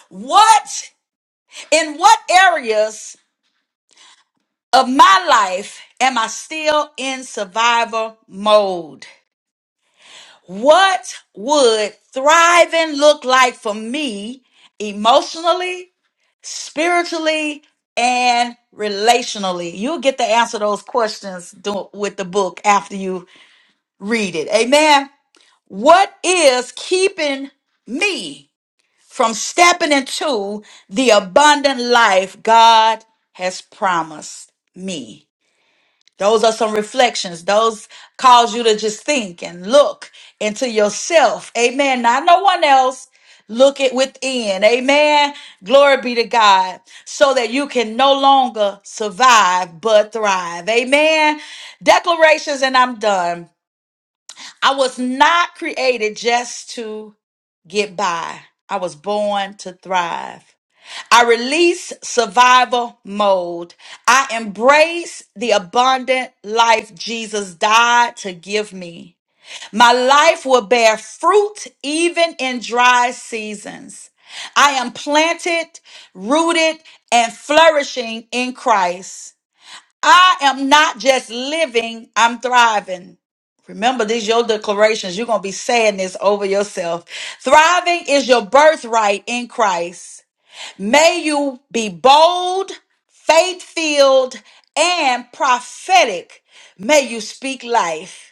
What in what areas of my life am I still in survival mode? What would thriving look like for me emotionally, spiritually, and relationally? You'll get to answer those questions do- with the book after you read it. Amen. What is keeping me from stepping into the abundant life God has promised me? Those are some reflections. Those cause you to just think and look into yourself. Amen. Not no one else. Look it within. Amen. Glory be to God. So that you can no longer survive but thrive. Amen. Declarations, and I'm done. I was not created just to get by. I was born to thrive. I release survival mode. I embrace the abundant life Jesus died to give me. My life will bear fruit even in dry seasons. I am planted, rooted, and flourishing in Christ. I am not just living, I'm thriving. Remember, these your declarations. You're gonna be saying this over yourself. Thriving is your birthright in Christ. May you be bold, faith-filled, and prophetic. May you speak life.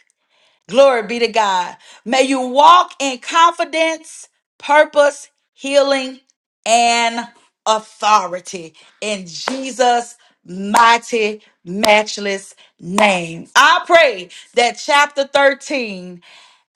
Glory be to God. May you walk in confidence, purpose, healing, and authority in Jesus' mighty, matchless name. I pray that chapter 13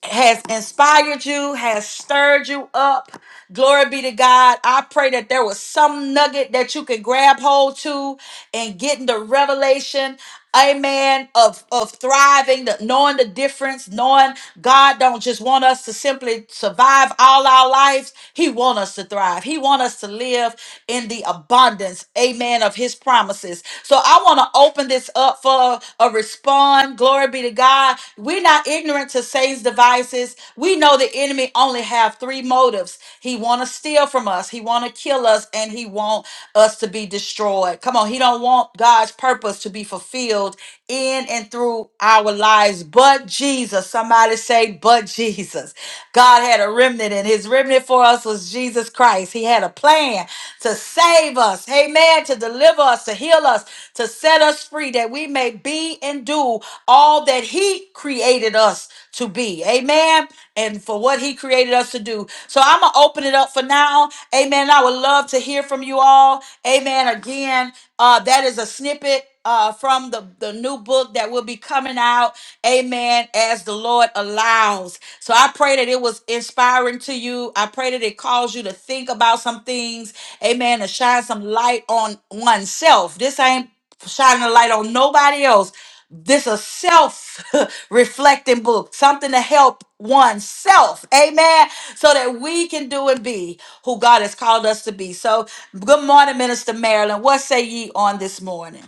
has inspired you, has stirred you up. Glory be to God. I pray that there was some nugget that you could grab hold to and getting the revelation, amen, of, of thriving, the, knowing the difference, knowing God don't just want us to simply survive all our lives. He want us to thrive. He want us to live in the abundance, amen, of his promises. So I want to open this up for a response. Glory be Glory be to God. We're not ignorant to Satan's devices. We know the enemy only have three motives. He want to steal from us. He want to kill us and he want us to be destroyed. Come on. He don't want God's purpose to be fulfilled in and through our lives. But Jesus, somebody say, but Jesus. God had a remnant and his remnant for us was Jesus Christ. He had a plan to save save us, amen, to deliver us, to heal us, to set us free, that we may be and do all that He created us to be, amen, and for what He created us to do. So I'm going to open it up for now, amen. I would love to hear from you all, amen. Again, uh, that is a snippet uh, from the, the new book that will be coming out. Amen. As the Lord allows. So I pray that it was inspiring to you. I pray that it caused you to think about some things. Amen. To shine some light on oneself. This ain't shining a light on nobody else. This a self reflecting book, something to help oneself. Amen. So that we can do and be who God has called us to be. So, good morning, Minister Marilyn. What say ye on this morning?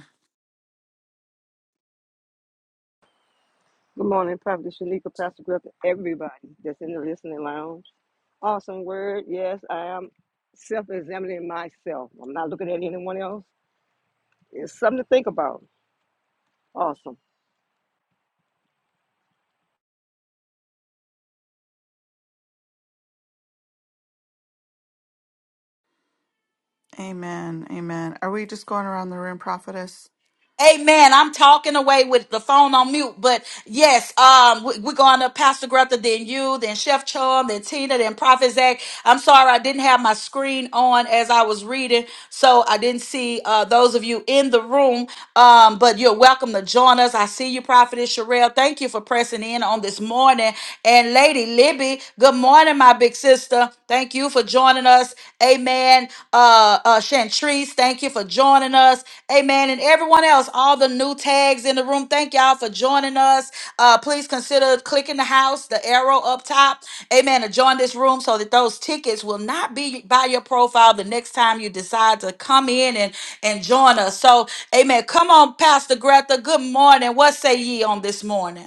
Good morning, Prophet Shanika, Pastor Griff, everybody that's in the listening lounge. Awesome word. Yes, I am self examining myself. I'm not looking at anyone else. It's something to think about. Awesome. Amen. Amen. Are we just going around the room, prophetess? Amen. I'm talking away with the phone on mute, but yes, um, we, we're going to Pastor Greta, then you, then Chef Chum, then Tina, then Prophet Zach. I'm sorry, I didn't have my screen on as I was reading, so I didn't see uh, those of you in the room. Um, but you're welcome to join us. I see you, Prophetess Sherelle. Thank you for pressing in on this morning. And Lady Libby, good morning, my big sister. Thank you for joining us. Amen. Uh, uh, Chantrice. Patrice, thank you for joining us. Amen. And everyone else, all the new tags in the room, thank y'all for joining us. Uh, please consider clicking the house, the arrow up top. Amen. To join this room so that those tickets will not be by your profile the next time you decide to come in and, and join us. So, amen. Come on, Pastor Greta. Good morning. What say ye on this morning?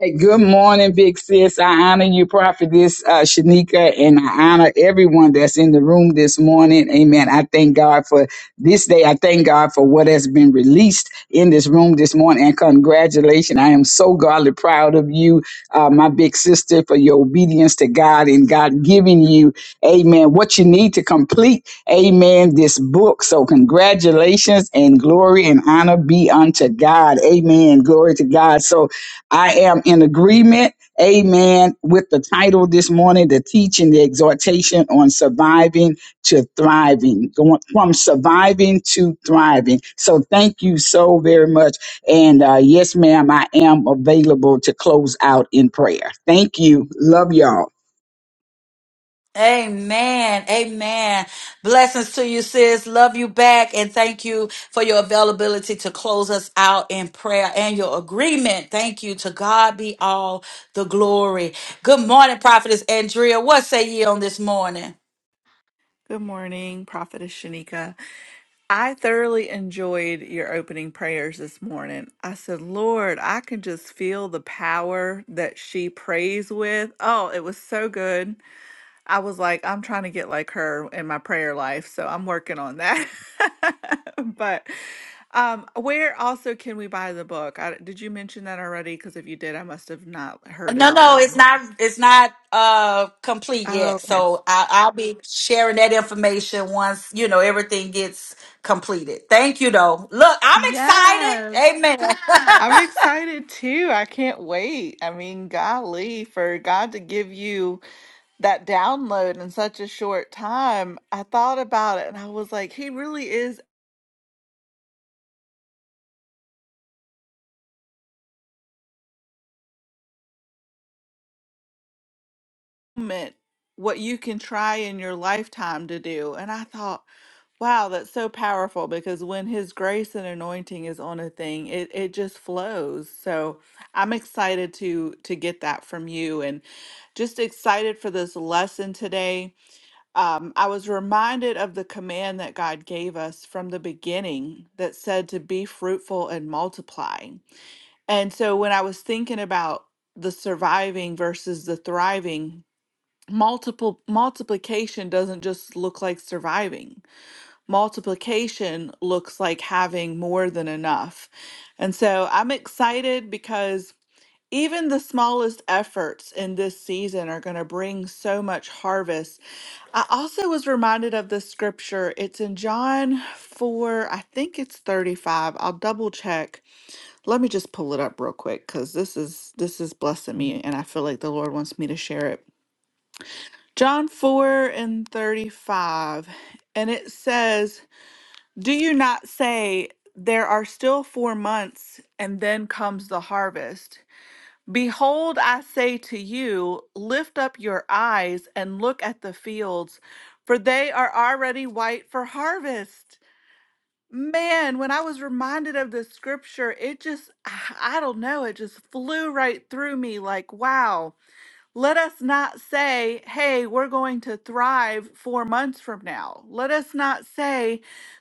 Hey, good morning, big sis. I honor you, prophetess uh, Shanika, and I honor everyone that's in the room this morning. Amen. I thank God for this day. I thank God for what has been released in this room this morning. And congratulations. I am so godly proud of you, uh, my big sister, for your obedience to God and God giving you, amen, what you need to complete, amen, this book. So congratulations and glory and honor be unto God. Amen. Glory to God. So I am in agreement, amen, with the title this morning, the teaching, the exhortation on surviving to thriving, going from surviving to thriving. So thank you so very much. And uh, yes, ma'am, I am available to close out in prayer. Thank you. Love y'all. Amen. Amen. Blessings to you, sis. Love you back. And thank you for your availability to close us out in prayer and your agreement. Thank you. To God be all the glory. Good morning, Prophetess Andrea. What say ye on this morning? Good morning, prophetess Shanika. I thoroughly enjoyed your opening prayers this morning. I said, Lord, I can just feel the power that she prays with. Oh, it was so good. I was like, I'm trying to get like her in my prayer life, so I'm working on that. but um, where also can we buy the book? I, did you mention that already? Because if you did, I must have not heard it No, all the no, way. it's not, it's not uh complete Oh, yet. okay. So I, I'll be sharing that information once, you know, everything gets completed. Thank you though. Look, I'm Yes. excited. Amen. I'm excited too. I can't wait. I mean, golly, for God to give you that download in such a short time. I thought about it and I was like, He really is meant what you can try in your lifetime to do. And I thought, wow, that's so powerful because when His grace and anointing is on a thing, it, it just flows. So I'm excited to to get that from you and just excited for this lesson today um, I was reminded of the command that God gave us from the beginning that said to be fruitful and multiply. And so when I was thinking about the surviving versus the thriving, multiple multiplication doesn't just look like surviving. Multiplication looks like having more than enough. And so I'm excited because even the smallest efforts in this season are going to bring so much harvest I also was reminded of this scripture. It's in John 4, I think it's 35. I'll double check. Let me just pull it up real quick cuz this is this is blessing me and I feel like the Lord wants me to share it. John 4 and 35. And it says, "Do you not say there are still 4 months and then comes the harvest? Behold, I say to you, lift up your eyes and look at the fields, for they are already white for harvest. Man, when I was reminded of this scripture, it just, I I don't know, it just flew right through me like, wow let us not say, hey, we're going to thrive four months from now. Let us not say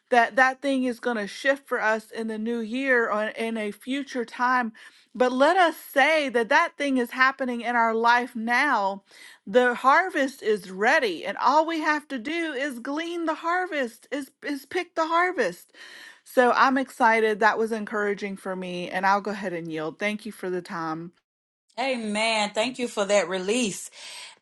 that that thing is going to shift for us in the new year or in a future time. But let us say that that thing is happening in our life now. The harvest is ready, and all we have to do is glean the harvest, is, is pick the harvest. So I'm excited. That was encouraging for me, and I'll go ahead and yield. Thank you for the time. Amen. Thank you for that release.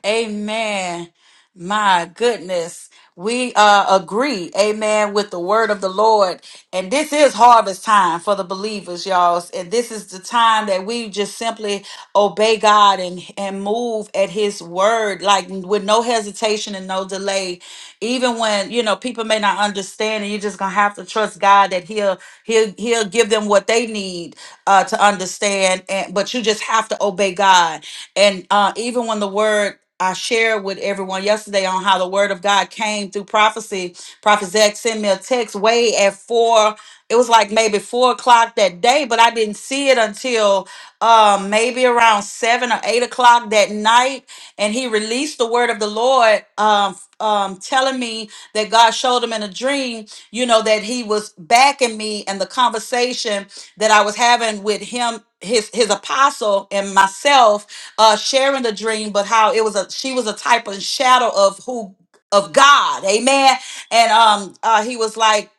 Amen. My goodness. We uh, agree, amen, with the word of the Lord. And this is harvest time for the believers, y'all. And this is the time that we just simply obey God and, and move at his word, like with no hesitation and no delay. Even when, you know, people may not understand and you're just gonna have to trust God that he'll he'll he'll give them what they need uh to understand. And but you just have to obey God. And uh even when the word I shared with everyone yesterday on how the word of God came through prophecy. Prophet Zach sent me a text way at four. It was like maybe four o'clock that day, but I didn't see it until uh, maybe around seven or eight o'clock that night. And he released the word of the Lord, um, um, telling me that God showed him in a dream, you know, that he was backing me and the conversation that I was having with him, his his apostle, and myself uh sharing the dream but how it was a she was a type of shadow of who of god amen and um uh he was like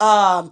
um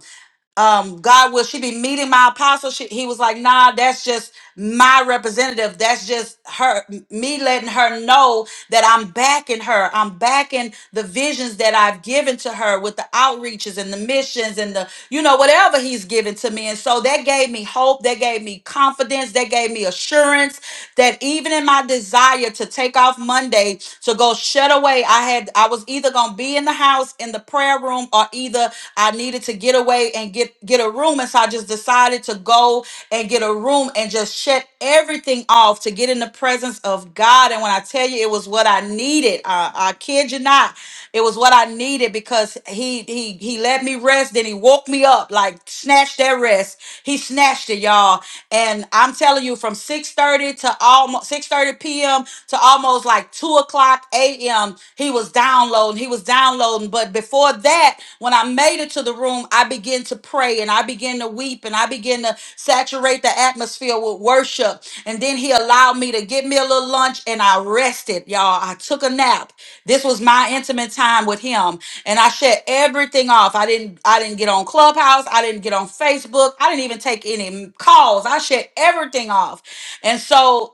um, God, will she be meeting my apostle? She, he was like, nah, that's just my representative. That's just her, me letting her know that I'm backing her. I'm backing the visions that I've given to her with the outreaches and the missions and the, you know, whatever he's given to me. And so that gave me hope. That gave me confidence. That gave me assurance that even in my desire to take off Monday to go shut away, I had, I was either going to be in the house in the prayer room or either I needed to get away and get get a room, and so I just decided to go and get a room and just shut everything off to get in the presence of God. And when I tell you, it was what I needed. I, I kid you not, it was what I needed because he he he let me rest, then he woke me up, like snatched that rest. He snatched it, y'all. And I'm telling you, from 6:30 to almost 6:30 p.m to almost like two o'clock a.m. He was downloading, he was downloading. But before that, when I made it to the room, I began to pray and I began to weep and I began to saturate the atmosphere with worship. And then he allowed me to get me a little lunch and I rested, y'all. I took a nap. This was my intimate time with him. And I shut everything off. I didn't I didn't get on Clubhouse. I didn't get on Facebook. I didn't even take any calls. I shut everything off. And so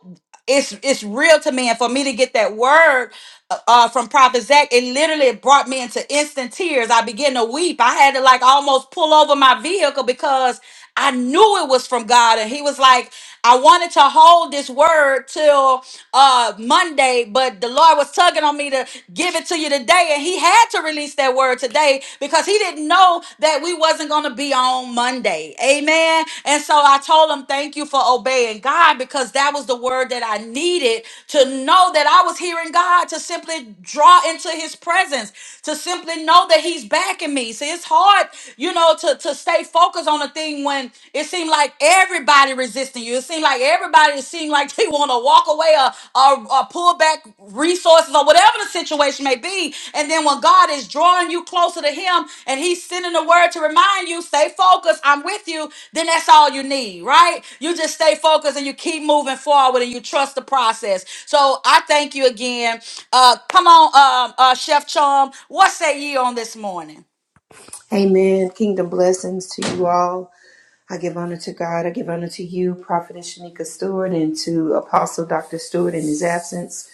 it's it's real to me and for me to get that word uh uh, from prophet zach it literally brought me into instant tears i began to weep i had to like almost pull over my vehicle because i knew it was from god and he was like i wanted to hold this word till uh monday but the lord was tugging on me to give it to you today and he had to release that word today because he didn't know that we wasn't going to be on on Monday. Amen. And so I told him, Thank you for obeying God because that was the word that I needed to know that I was hearing God to simply draw into his presence, to simply know that he's backing me. See, it's hard, you know, to, to stay focused on a thing when it seemed like everybody resisting you. It seemed like everybody seemed like they want to walk away or, or, or pull back resources or whatever the situation may be. And then when God is drawing you closer to Him and He's sending the word to remind you, stay focused, I'm with you, then that's all you need, right? You just stay focused and you keep moving forward and you trust the process. So I thank you again. Uh, come on, um, uh, Chef Chum, what say ye on this morning? Amen. Kingdom blessings to you all. I give honor to God. I give honor to you, Prophetess Shanika Stewart, and to Apostle Dr. Stewart in his absence,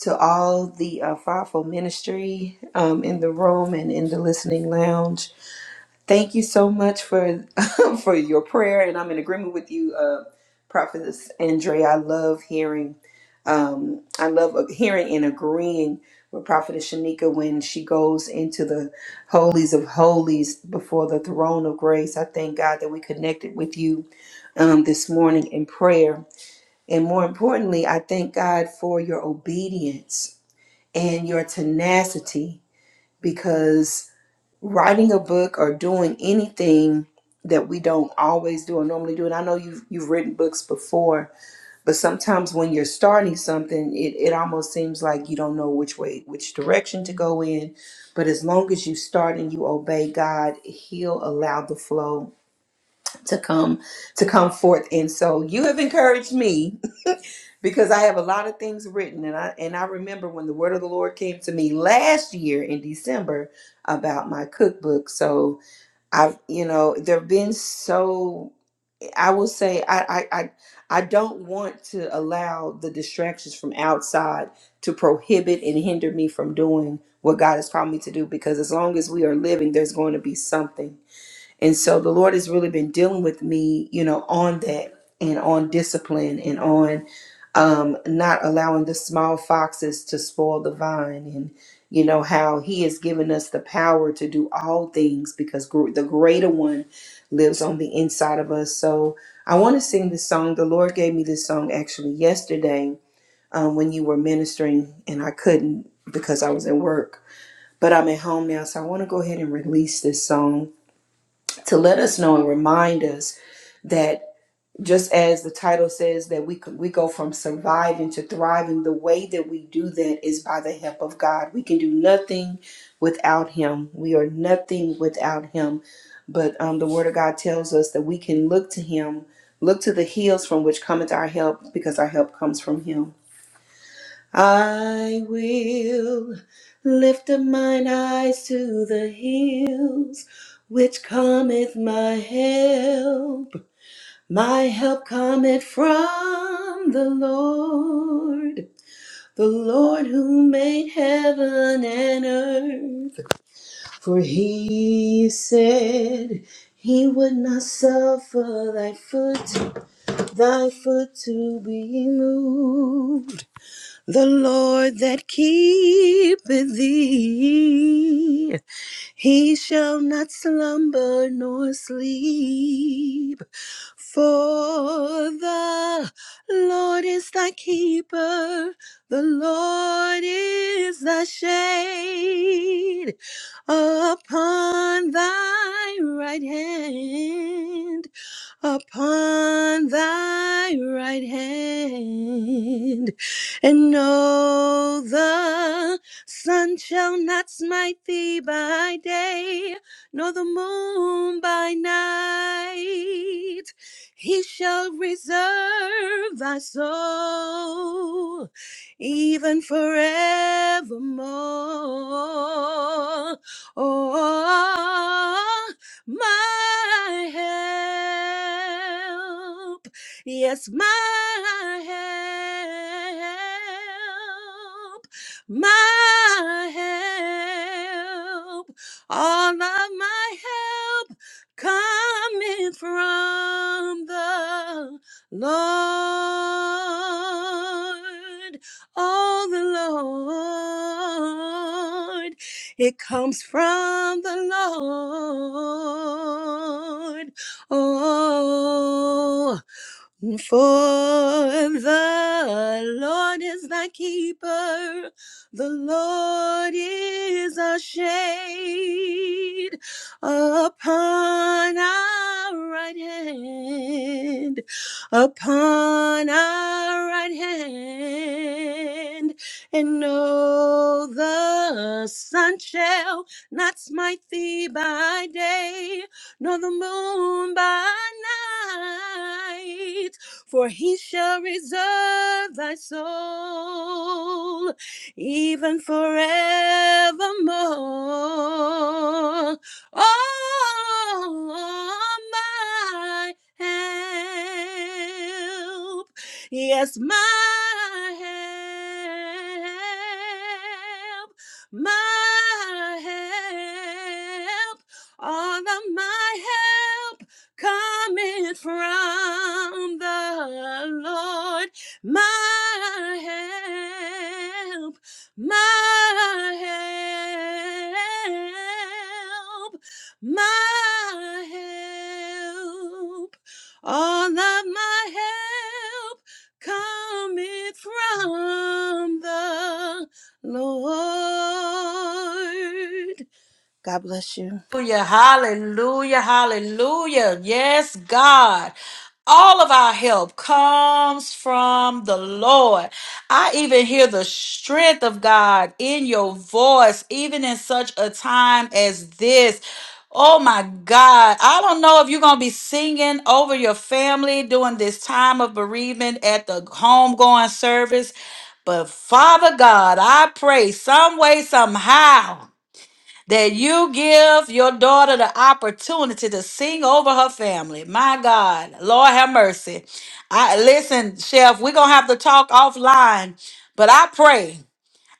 to all the uh, fivefold ministry um, in the room and in the listening lounge. Thank you so much for for your prayer, and I'm in agreement with you, uh, Prophetess Andrea. I love hearing Um, I love hearing and agreeing with Prophetess Shanika when she goes into the holies of holies before the throne of grace. I thank God that we connected with you um, this morning in prayer. And more importantly, I thank God for your obedience and your tenacity because writing a book or doing anything that we don't always do or normally do, and I know you've, you've written books before, but sometimes when you're starting something, it, it almost seems like you don't know which way, which direction to go in. But as long as you start and you obey God, He'll allow the flow to come to come forth. And so you have encouraged me because I have a lot of things written and I and I remember when the word of the Lord came to me last year in December about my cookbook. So I've you know, there have been so I will say I, I I I don't want to allow the distractions from outside to prohibit and hinder me from doing what God has called me to do because as long as we are living, there's going to be something and so the Lord has really been dealing with me, you know, on that and on discipline and on um, not allowing the small foxes to spoil the vine and, you know, how He has given us the power to do all things because gr- the greater one lives on the inside of us. So I want to sing this song. The Lord gave me this song actually yesterday um, when you were ministering, and I couldn't because I was at work. But I'm at home now, so I want to go ahead and release this song to let us know and remind us that just as the title says that we could, we go from surviving to thriving the way that we do that is by the help of God. We can do nothing without him. We are nothing without him. But um, the word of God tells us that we can look to him, look to the hills from which cometh our help because our help comes from him. I will lift up mine eyes to the hills, which cometh my help. My help cometh from the Lord, the Lord who made heaven and earth. For he said he would not suffer thy foot, thy foot to be moved. The Lord that keepeth thee, he shall not slumber nor sleep. For the Lord is thy keeper, the Lord is thy shade upon thy right hand upon thy right hand. And no, the sun shall not smite thee by day, nor the moon by night. He shall reserve thy soul even forevermore. Oh, my help. Yes, my help, my help, all of my help coming from the Lord. Oh, the Lord it comes from the Lord. Oh. For the Lord is thy keeper, the Lord is a shade upon our right hand, upon our right hand, and no, the sun shall not smite thee by day, nor the moon by night, for he shall reserve thy soul even forevermore. Oh, my help. Yes, my help. My help all of my help coming from the Lord. My help, my help, my help. All of my help coming from the Lord. God bless you. Hallelujah, hallelujah, hallelujah. Yes, God. All of our help comes from the Lord. I even hear the strength of God in your voice, even in such a time as this. Oh my God. I don't know if you're going to be singing over your family during this time of bereavement at the homegoing service, but Father God, I pray some way, somehow that you give your daughter the opportunity to sing over her family. My God, Lord have mercy. I listen, Chef, we're gonna have to talk offline, but I pray.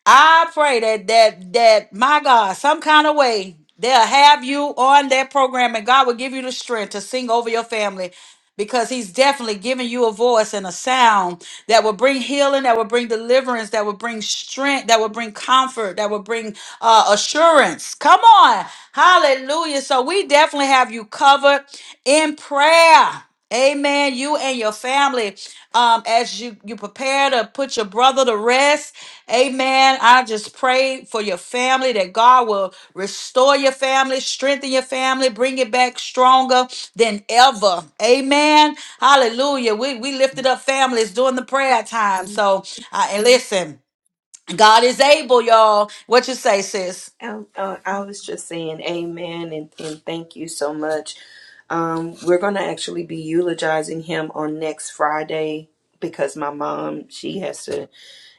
I pray that that that my God, some kind of way they'll have you on that program, and God will give you the strength to sing over your family. Because he's definitely giving you a voice and a sound that will bring healing, that will bring deliverance, that will bring strength, that will bring comfort, that will bring uh, assurance. Come on. Hallelujah. So we definitely have you covered in prayer. Amen. You and your family, um, as you, you prepare to put your brother to rest, Amen. I just pray for your family that God will restore your family, strengthen your family, bring it back stronger than ever. Amen. Hallelujah. We, we lifted up families during the prayer time. So, uh, and listen, God is able, y'all. What you say, sis? Um, uh, I Mhm. was just saying amen and, and thank you so much. Um, we're going to actually be eulogizing him on next Friday because my mom, she has to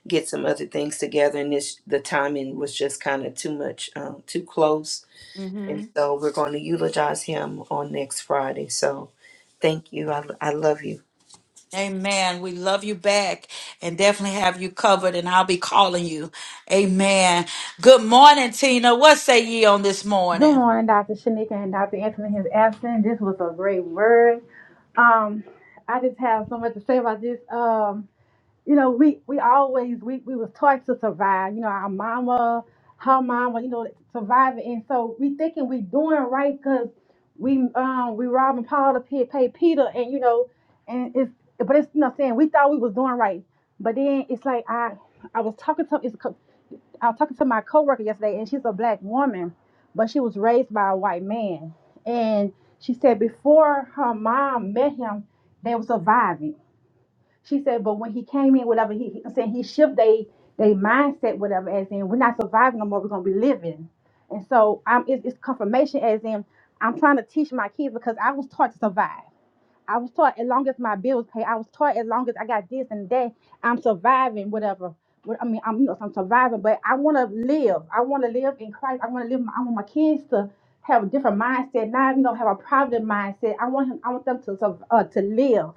get some other things together and this, the timing was just kind of too much, um, too close. And Mm-hmm. so we're going to eulogize him on next Friday. So thank you. I, I love you. Amen. We love you back and definitely have you covered, and I'll be calling you. Amen. Good morning, Tina. What say ye on this Good morning? morning, Dr. Shanika and Dr. Anthony in His absence. This was a great word. Um, I just have so much to say about this. Um, you know, we we always we we was taught to survive. You know, our mama, her mama, you know, surviving, and so we thinking we doing right because we um we robbing Paul to pay, pay Peter, and you know, and it's but it's you know what I'm saying we thought we was doing right, but then it's like I I was talking to it's a co- I was talking to my coworker yesterday, and she's a black woman, but she was raised by a white man, and she said before her mom met him, they were surviving she said, but when he came in, whatever he he- I'm saying, he shift they they mindset, whatever, as in we're not surviving no more, we're gonna be living. And so I'm it's, it's confirmation as in I'm trying to teach my kids because I was taught to survive. I was taught as long as my bills pay. I was taught as long as I got this and that, I'm surviving, whatever. What I mean, I'm you know, I'm surviving, but I want to live. I want to live in Christ. I want to live. My, I want my kids to have a different mindset. Not you know have a provident mindset. I want him, I want them to sur- uh, to live.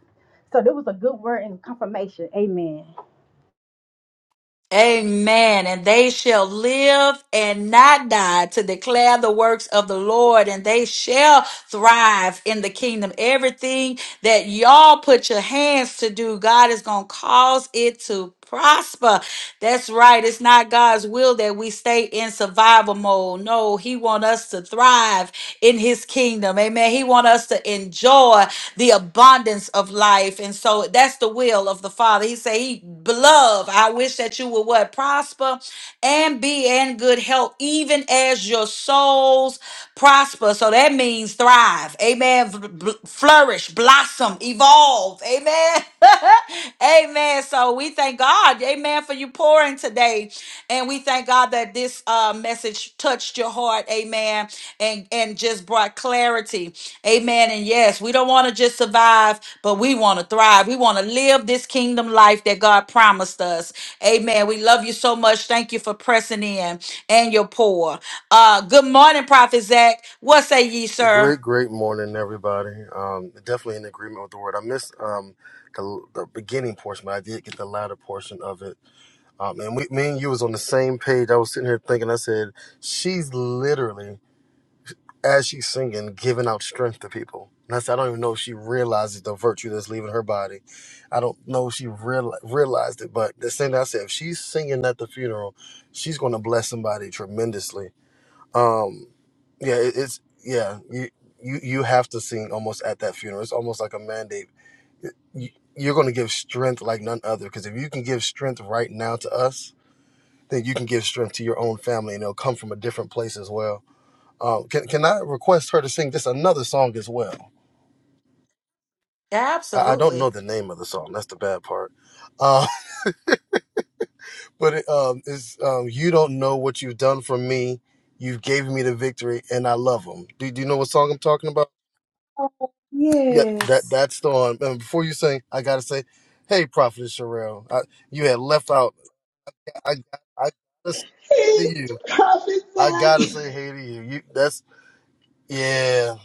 So there was a good word and confirmation. Amen. Amen. And they shall live and not die to declare the works of the Lord, and they shall thrive in the kingdom. Everything that y'all put your hands to do, God is going to cause it to prosper. That's right right. It's not God's will that we stay in survival mode. No, He want us to thrive in His kingdom. Amen. He want us to enjoy the abundance of life, and so that's the will of the Father. He say, "He beloved, I wish that you would what prosper." and be in good health, even as your souls prosper. So that means thrive. Amen. V- bl- Flourish, blossom, evolve. Amen. Amen. So we thank God. Amen. For you pouring today. And we thank God. God, that this uh, message touched your heart, amen, and, and just brought clarity, amen. And yes, we don't want to just survive, but we want to thrive. We want to live this kingdom life that God promised us, amen. We love you so much. Thank you for pressing in and your pour. Uh, good morning, Prophet Zach. What say ye, sir? Great, great morning, everybody. Um, definitely in agreement with the word. I missed um, the, the beginning portion, but I did get the latter portion of it. Um, and we, me and you was on the same page. I was sitting here thinking. I said, "She's literally, as she's singing, giving out strength to people." And I said, "I don't even know if she realizes the virtue that's leaving her body. I don't know if she reali- realized it, but the same thing I said, if she's singing at the funeral, she's going to bless somebody tremendously." Um, yeah, it, it's yeah. You you you have to sing almost at that funeral. It's almost like a mandate. You, you're going to give strength like none other because if you can give strength right now to us, then you can give strength to your own family, and it'll come from a different place as well. Um, can can I request her to sing just another song as well? I, I don't Absolutely. know the name of the song. That's the bad part. Uh, but it, um, it's um, you don't know what you've done for me. You've gave me the victory, and I love them. Do, do you know what song I'm talking about? Yeah, that Yes. that's the one. And before you sing, I gotta say, hey, Prophet Sherelle, I, you had left out. I I gotta say hey to It's you, Prophet I gotta Zach. say hey to you. You that's yeah.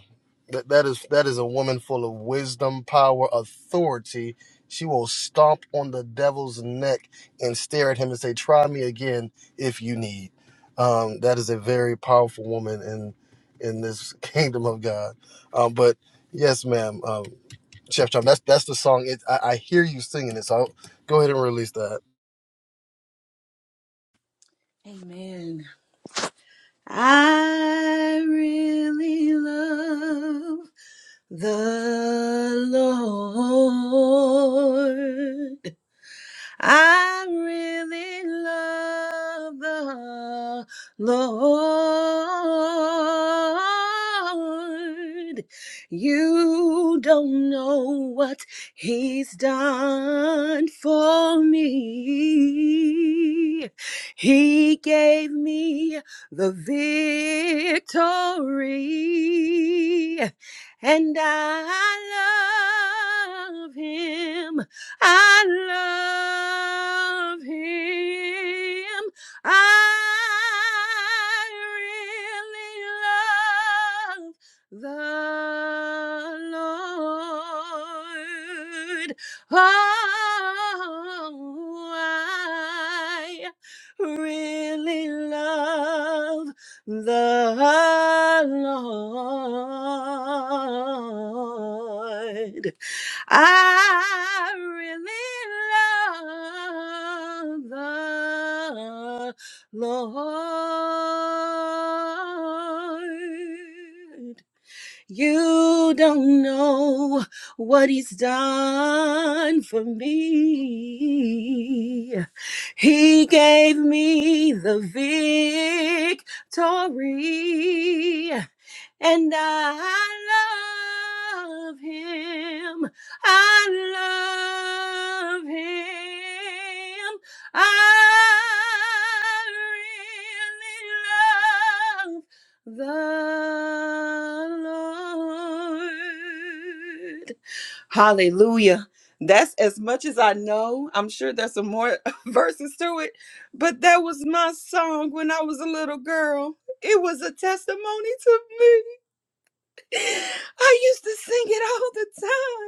That that is that is a woman full of wisdom, power, authority. She will stomp on the devil's neck and stare at him and say, "Try me again if you need." Um, that is a very powerful woman in in this kingdom of God. Um, but yes, ma'am. um, Chef Chop. That's that's the song. It, I, I hear you singing it, so I'll go ahead and release that. Amen. I really love the Lord. I really love the Lord. You don't know what He's done for me. He gave me the victory, and I love Him I love him. I really love the Lord. Oh, I really love the Lord. I really love the Lord. You don't know what he's done for me. He gave me the victory and I love him. I love him. I really love the Lord. Hallelujah. That's as much as I know. I'm sure there's some more verses to it, but that was my song when I was a little girl. It was a testimony to me. I used to sing it all the time.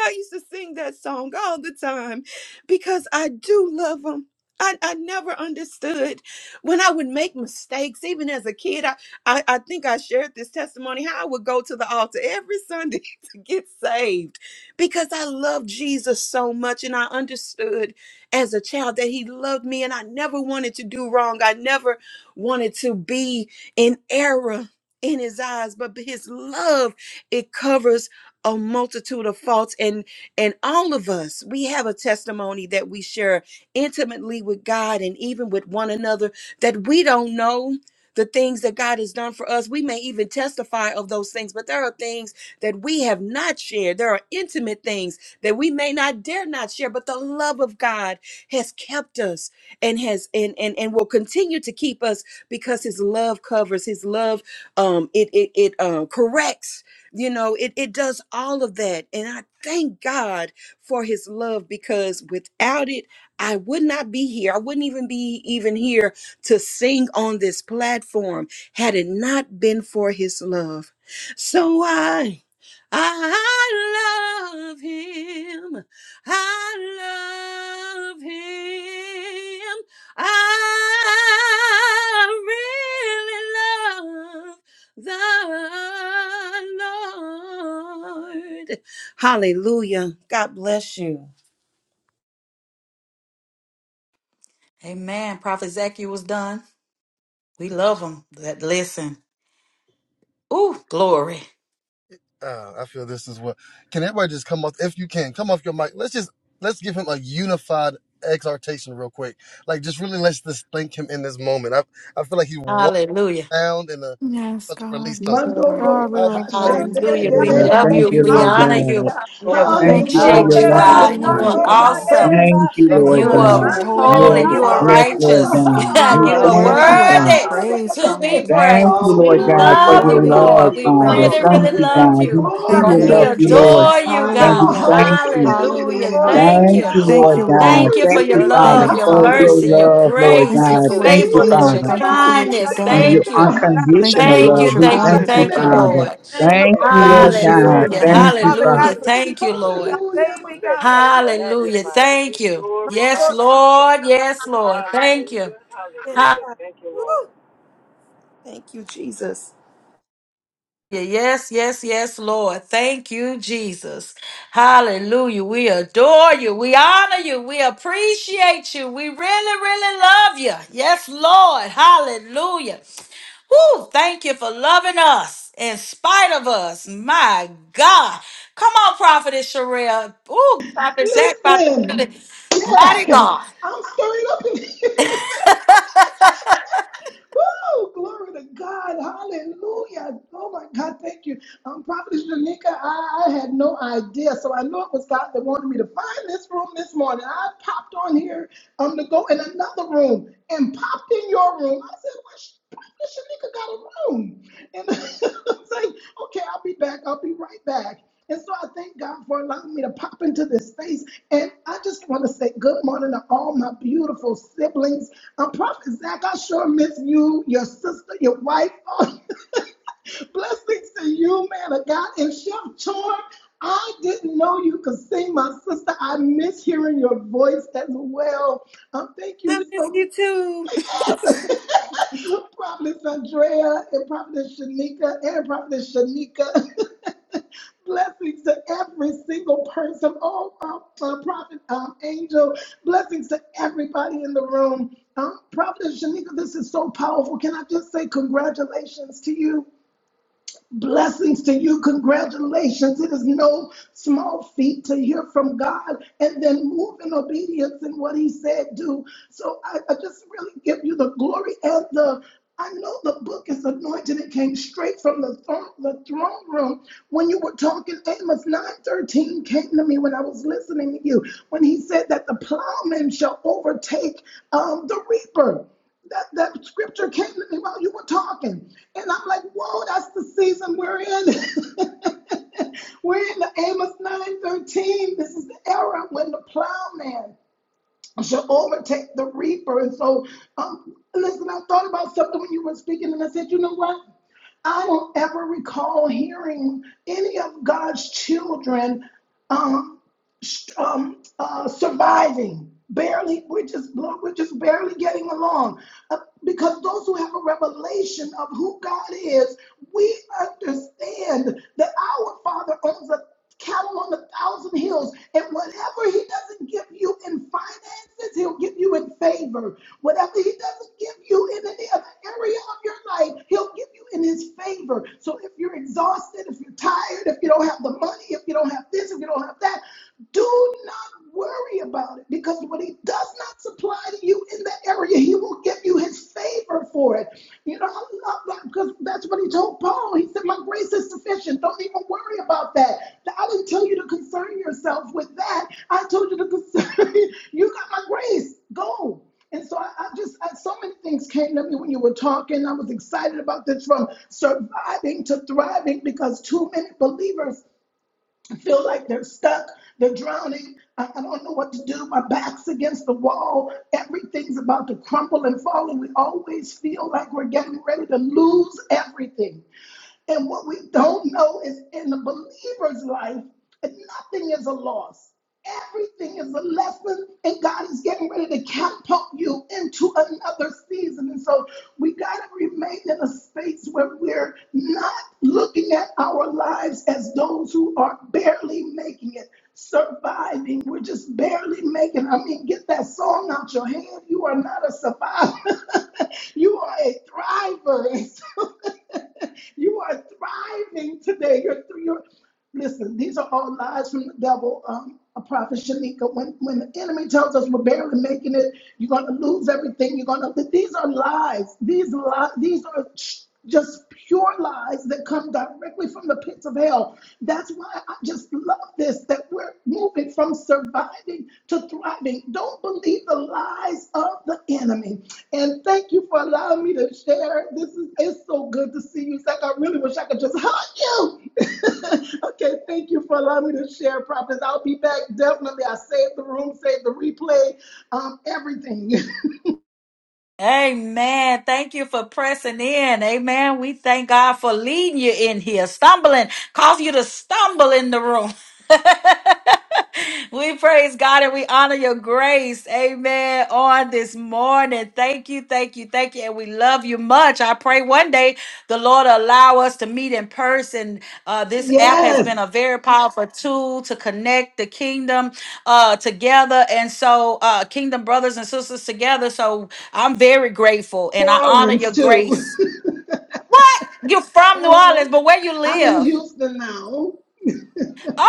I used to sing that song all the time because I do love him. I, I never understood when I would make mistakes, even as a kid. I, I, I think I shared this testimony how I would go to the altar every Sunday to get saved because I loved Jesus so much. And I understood as a child that he loved me and I never wanted to do wrong. I never wanted to be in error in his eyes, but his love, it covers a multitude of faults and and all of us we have a testimony that we share intimately with God and even with one another that we don't know the things that God has done for us we may even testify of those things but there are things that we have not shared there are intimate things that we may not dare not share but the love of God has kept us and has and and, and will continue to keep us because his love covers his love um it it, it um corrects you know it, it does all of that and i thank god for his love because without it i would not be here i wouldn't even be even here to sing on this platform had it not been for his love so i i love him i love him i really the Lord. Hallelujah. God bless you. Amen. Prophet Zach, you was done. We love him. That listen. Ooh, glory. Uh, I feel this is what. Can everybody just come off if you can come off your mic? Let's just let's give him a unified exhortation real quick. Like just really let's just thank him in this moment. I I feel like he one Hallelujah. sound and uh Yes, about to release God. something. Mando So God, Roma we God, we love thank Glory Hashanda you. to de Hallelujah. de We God. We Lord, de. love honor thank you. Thank you, you, you, We Lord honor Father. Jesus. God. you. We you so We much. Thank thank you you, for appreciate your Lord, Hallelujah. you, for God, love, you're all God. you You do, are worthy Father. of the God. awesome. praise. Thank you, God, We Lord God, You you're bless are your God. worthy holy of the holy. name, Yes, You are glory. Father, yes, Manda Lord righteous. Baha God. for you God, We you are are de thank worthy you, of our Father. worthy de praise, de to be de. God. Thank you, praised. Oh, We Lord You are God, glory, for love your you, glory, worthy of love, our Lord. glory, We Father. glory, praise, really, Thank really Lord. glory, you, love God. glory, We you. Thank you, truly We glory. love Lord you, Lord. adore Ira Jesus. you, Bada And God. we Hallelujah. thank you. de de Hallelujah. Hallelujah. de Thank Thank de. you. you, Thank Lord Oh, you, God. Lord. Thank you glory for Thank to your you, you, Lord. Thank Father, love, you, your for Father. your mercy, Hallelujah. your love, Lord Oh, grace, Thank you thank your God. for you, what Thank you you, faithfulness, do. Jesus. your Father, Thank you for what you've kindness. for your done. Thank you. Thank you unconditional for Thank you. what love. you're We Thank going you. thank to you, do, Thank you, God. Father. Lord. Thank Oh, you, thank you, Lord Bless you, God. Jesus. Hallelujah. Father. Thank Thank you, you, Father. God. Hallelujah. Thank you, oh God. Lord. Hallelujah. my. Hallelujah. Thank you. Yes, Lord. Yes, Lord. Thank you. Thank you, Jesus. Yeah, Yes, yes, yes, Lord. Thank you, Jesus. Hallelujah. We adore you. We honor you. We appreciate you. We really, really love you. Yes, Lord. Hallelujah. Woo, thank you for loving us in spite of us. My God. Come on, Prophetess Sherelle. Ooh, Prophet Zach about to feel it. Listen, Mighty yeah, God. I'm stirring up in here. Woo! Glory to God. Hallelujah. Oh my God, thank you. Um, Prophetess Janika, I, I had no idea. So I know it was God that wanted me to find this room this morning. I popped on here um to go in another room and popped in your room. I said, what? This nigga got a room. And i it's like, okay, I'll be back. I'll be right back. And so I thank God for allowing me to pop into this space. And I just want to say good morning to all my beautiful siblings. Um, Prophet Zach, I sure miss you, your sister, your wife. Oh, Blessings to you, man of God. And Chef Chor, I didn't know you could sing, my sister. I miss hearing your voice as well. Um, thank I you miss so you much. too. Prophetess Andrea and Prophetess Shanika and Prophetess Shanika. Blessings to every single person. Oh, uh, uh, Prophet um, Angel. Blessings to everybody in the room. Um, Prophet Shanika, this is so powerful. Can I just say congratulations to you? Blessings to you. Congratulations. It is no small feat to hear from God and then move in obedience in what He said, do. So I, I just really give you the glory and the. I know the book is anointed. It came straight from the throne, the throne room. When you were talking, Amos 9:13 came to me when I was listening to you. When he said that the plowman shall overtake um, the reaper that, that scripture came to me while you were talking. And I'm like, whoa, that's the season we're in. we're in the Amos 9.13. This is the era when the plowman shall overtake the reaper. And so, um, listen, I thought about something when you were speaking, and I said, you know what? I don't ever recall hearing any of God's children um, um, uh, surviving. Barely, we're just we're just barely getting along. Uh, Because those who have a revelation of who God is, we understand that our Father owns a cattle on a thousand hills, and whatever He doesn't give you in finances, He'll give you in favor. Whatever He doesn't give you in any other area of your life, He'll give you in His favor. So if you're exhausted, if you're tired, if you don't have the money, if you don't have this, if you don't have that, do not worry about it because what he does not supply to you in that area, he will give you his favor for it. You know, I love that because that's what he told Paul. He said, My grace is sufficient. Don't even worry about that. I didn't tell you to concern yourself with that. I told you to concern. you got my grace. Go. And so I, I just, I, so many things came to me when you were talking. I was excited about this from surviving to thriving because too many believers feel like they're stuck, they're drowning. I, I don't know what to do. My back's against the wall. Everything's about to crumble and fall, and we always feel like we're getting ready to lose everything. And what we don't know is in the believer's life, nothing is a loss. Everything is a lesson, and God is getting ready to catapult you into another season. And so we got to remain in a space where we're not looking at our lives as those who are barely making it, surviving. We're just barely making. I mean, get that song out your hand. You are not a survivor, you are a thriver. you are thriving today. You're, you're listen. These are all lies from the devil. Um, a prophet Shanika. When when the enemy tells us we're barely making it, you're gonna lose everything. You're gonna. These are lies. These lies. These are just pure lies that come directly from the pits of hell. That's why I just love this that we're moving from surviving to thriving. Don't believe the lies of the enemy. And thank you for allowing me to share. This is it's so good to see you. It's like I really wish I could just hug you. okay, thank you for allowing me to share, prophets. I'll be back definitely. I saved the room, saved the replay, um, everything. Amen. Thank you for pressing in. Amen. We thank God for leading you in here, stumbling, cause you to stumble in the room. we praise God and we honor your grace. Amen. On this morning. Thank you, thank you, thank you. And we love you much. I pray one day the Lord allow us to meet in person. Uh, this app has been a yes, very powerful tool to connect the kingdom uh, together. And so, uh, kingdom brothers and sisters together. So I'm very grateful New and I honor Orleans your too. grace. What? You're from New Uh, Orleans, but where you I'm in live? Houston now. Okay,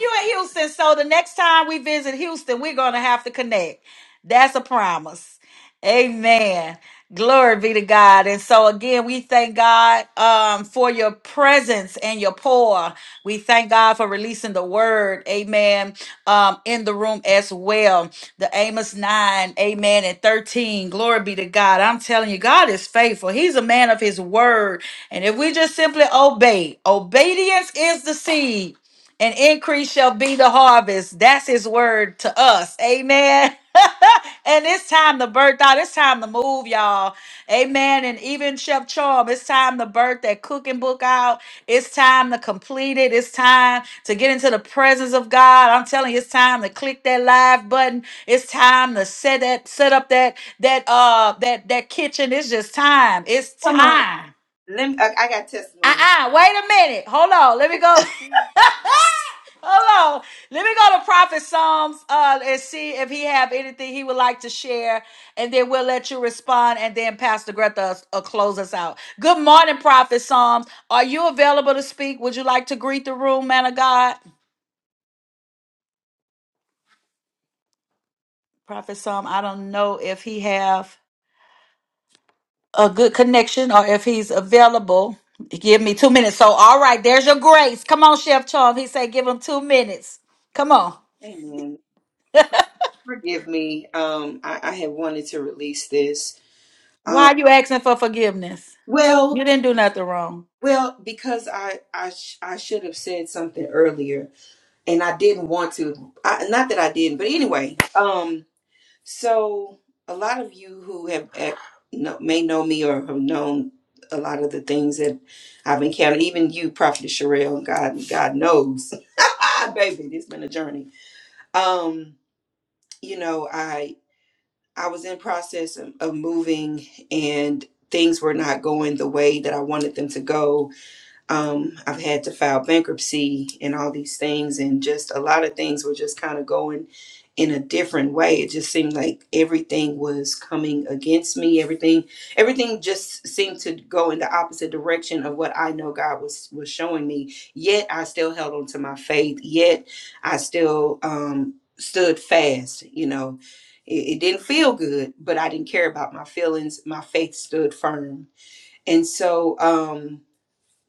you in Houston. So the next time we visit Houston, we're gonna have to connect. That's a promise. Amen. Glory be to God. And so again, we thank God um, for your presence and your pour. We thank God for releasing the word, amen, um, in the room as well. The Amos 9, amen, and 13. Glory be to God. I'm telling you, God is faithful. He's a man of his word. And if we just simply obey, obedience is the seed and increase shall be the harvest. That's his word to us. Amen. and it's time to birth out. It's time to move, y'all. Amen. And even Chef Charm, it's time to birth that cooking book out. It's time to complete it. It's time to get into the presence of God. I'm telling you, it's time to click that live button. It's time to set that set up that that uh that that kitchen. It's just time. It's Come on. time. Let me, I, I got testimony. Uh-uh. Wait a minute. Hold on. Let me go. Hold on. Let me go to Prophet Psalms uh, and see if he have anything he would like to share, and then we'll let you respond, and then Pastor Greta will close us out. Good morning, Prophet Psalms. Are you available to speak? Would you like to greet the room, man of God? Prophet Psalm, I don't know if he have a good connection or if he's available. Give me two minutes. So, all right, there's your grace. Come on, Chef Charm. He said, give him two minutes. Come on. Amen. Forgive me. Um, I, I had wanted to release this. Um, Why are you asking for forgiveness? You well, didn't do nothing wrong. well, because I, I, sh- I should have said something earlier and I didn't want to. I, not that I didn't, but anyway, Um. So, a lot of you who have eh, know, may know me or have known a lot of the things that I've encountered, even you, Prophet Sherelle, God, God knows, baby, it's been a journey. Um, you know, I I was in process of, of moving, and things were not going the way that I wanted them to go um, I've had to file bankruptcy and all these things, and just a lot of things were just kind of going in a different way. It just seemed like everything was coming against me. Everything, everything just seemed to go in the opposite direction of what I know God was was showing me. Yet I still held on to my faith. Yet I still um, stood fast. You know, it, it didn't feel good, but I didn't care about my feelings. My faith stood firm, and so. Um,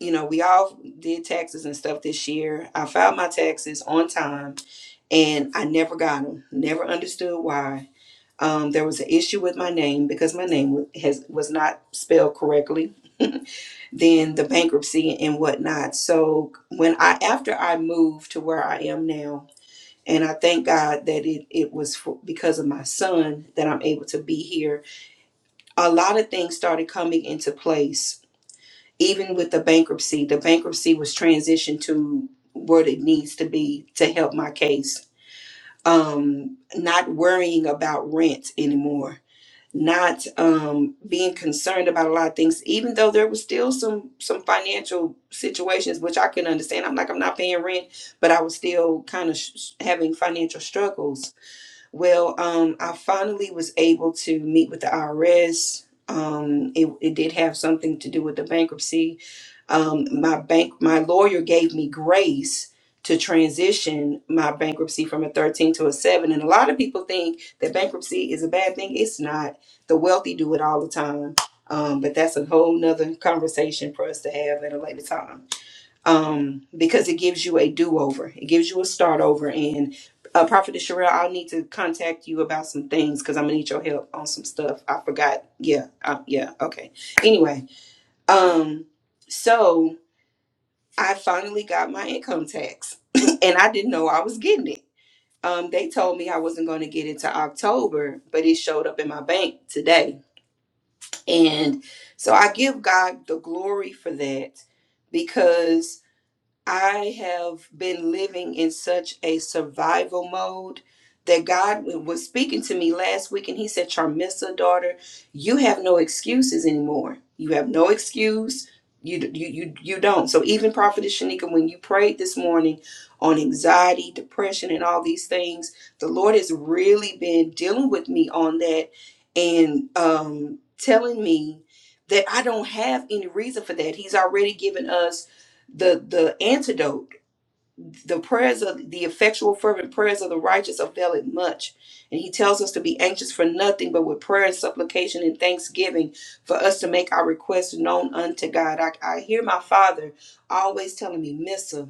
you know, we all did taxes and stuff this year. I filed my taxes on time and I never got them. Never understood why. Um, there was an issue with my name because my name wa- has was not spelled correctly. then the bankruptcy and whatnot. So when I after I moved to where I am now, and I thank God that it it was for, because of my son that I'm able to be here. A lot of things started coming into place even with the bankruptcy, the bankruptcy was transitioned to what it needs to be to help my case. Um, not worrying about rent anymore, not um, being concerned about a lot of things, even though there was still some some financial situations which I couldn't understand. I'm like, I'm not paying rent, but I was still kind of sh- having financial struggles well, um, I finally was able to meet with the IRS. Um, it, it did have something to do with the bankruptcy. Um, my bank, my lawyer gave me grace to transition my bankruptcy from a 13 to a 7. And a lot of people think that bankruptcy is a bad thing. It's not. The wealthy do it all the time. Um, but that's a whole nother conversation for us to have at a later time um, because it gives you a do over. It gives you a start over. And uh, Prophet Sherelle, I'll need to contact you about some things because I'm gonna need your help on some stuff. I forgot. Yeah, uh, yeah. Okay. Anyway, um, so I finally got my income tax, and I didn't know I was getting it. Um, they told me I wasn't going to get it to October, but it showed up in my bank today. And so I give God the glory for that because I have been living in such a survival mode that God was speaking to me last week and he said, Charmissa, daughter, you have no excuses anymore. You have no excuse. You, you, you, you don't. So even Prophetess Shanika, when you prayed this morning on anxiety, depression, and all these things, the Lord has really been dealing with me on that and um, telling me that I don't have any reason for that. He's already given us the the antidote the prayers of the effectual fervent prayers of the righteous avail it much and he tells us to be anxious for nothing but with prayer and supplication and thanksgiving for us to make our requests known unto god i, I hear my father always telling me missa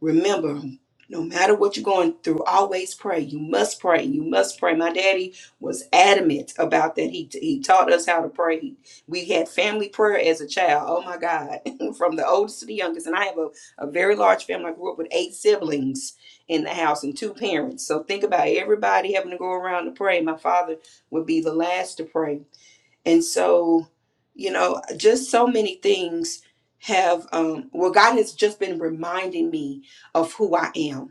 remember no matter what you're going through always pray you must pray you must pray my daddy was adamant about that he, he taught us how to pray we had family prayer as a child oh my god from the oldest to the youngest and i have a a very large family. I grew up with eight siblings in the house and two parents. So think about everybody having to go around to pray. My father would be the last to pray. And so, you know, just so many things have, um, well, God has just been reminding me of who I am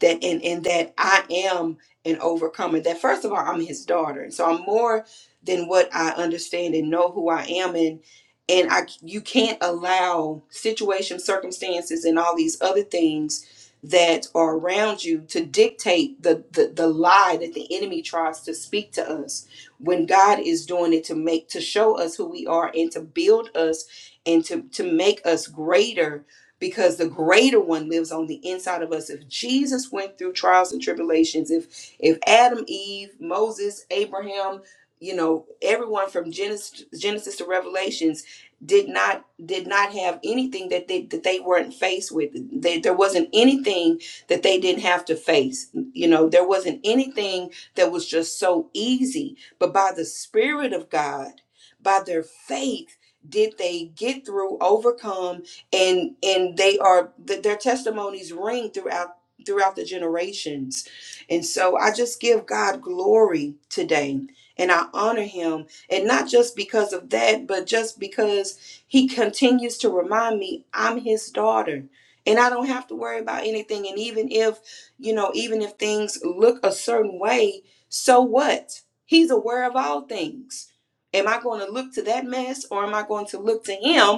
that and and that I am an overcomer. That first of all, I'm his daughter, and so I'm more than what I understand and know who I am, and and I you can't allow situations, circumstances, and all these other things that are around you to dictate the, the the lie that the enemy tries to speak to us when God is doing it to make to show us who we are and to build us and to to make us greater because the greater one lives on the inside of us if jesus went through trials and tribulations if if adam eve moses abraham you know everyone from genesis, genesis to revelations did not did not have anything that they that they weren't faced with they, there wasn't anything that they didn't have to face you know there wasn't anything that was just so easy but by the spirit of god by their faith did they get through overcome and and they are th- their testimonies ring throughout throughout the generations and so i just give god glory today and i honor him and not just because of that but just because he continues to remind me i'm his daughter and i don't have to worry about anything and even if you know even if things look a certain way so what he's aware of all things am i going to look to that mess or am i going to look to him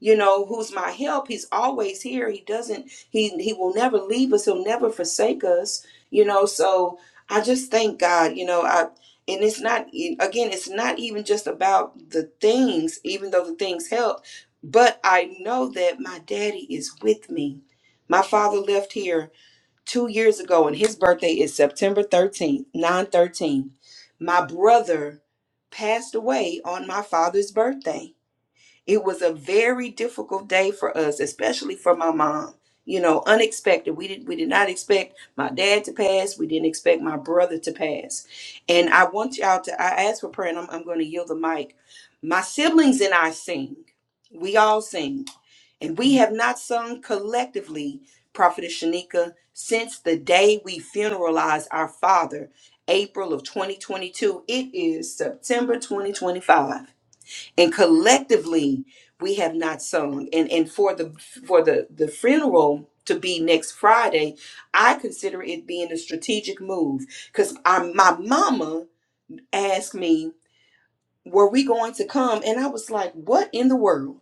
you know who's my help he's always here he doesn't he he will never leave us he'll never forsake us you know so i just thank god you know i and it's not e, again it's not even just about the things even though the things help but i know that my daddy is with me my father left here two years ago and his birthday is september 13th 9 thirteen. my brother passed away on my father's birthday it was a very difficult day for us, especially for my mom. You know, unexpected. We did we did not expect my dad to pass. We didn't expect my brother to pass. And I want y'all to I ask for prayer and I'm I'm gonna yield the mic. My siblings and I sing. We all sing. And we have not sung collectively, Prophetess Shanika, since the day we funeralized our father, April of 2022. It is September 2025 and collectively we have not sung and and for the for the the funeral to be next friday i consider it being a strategic move because my mama asked me were we going to come and i was like what in the world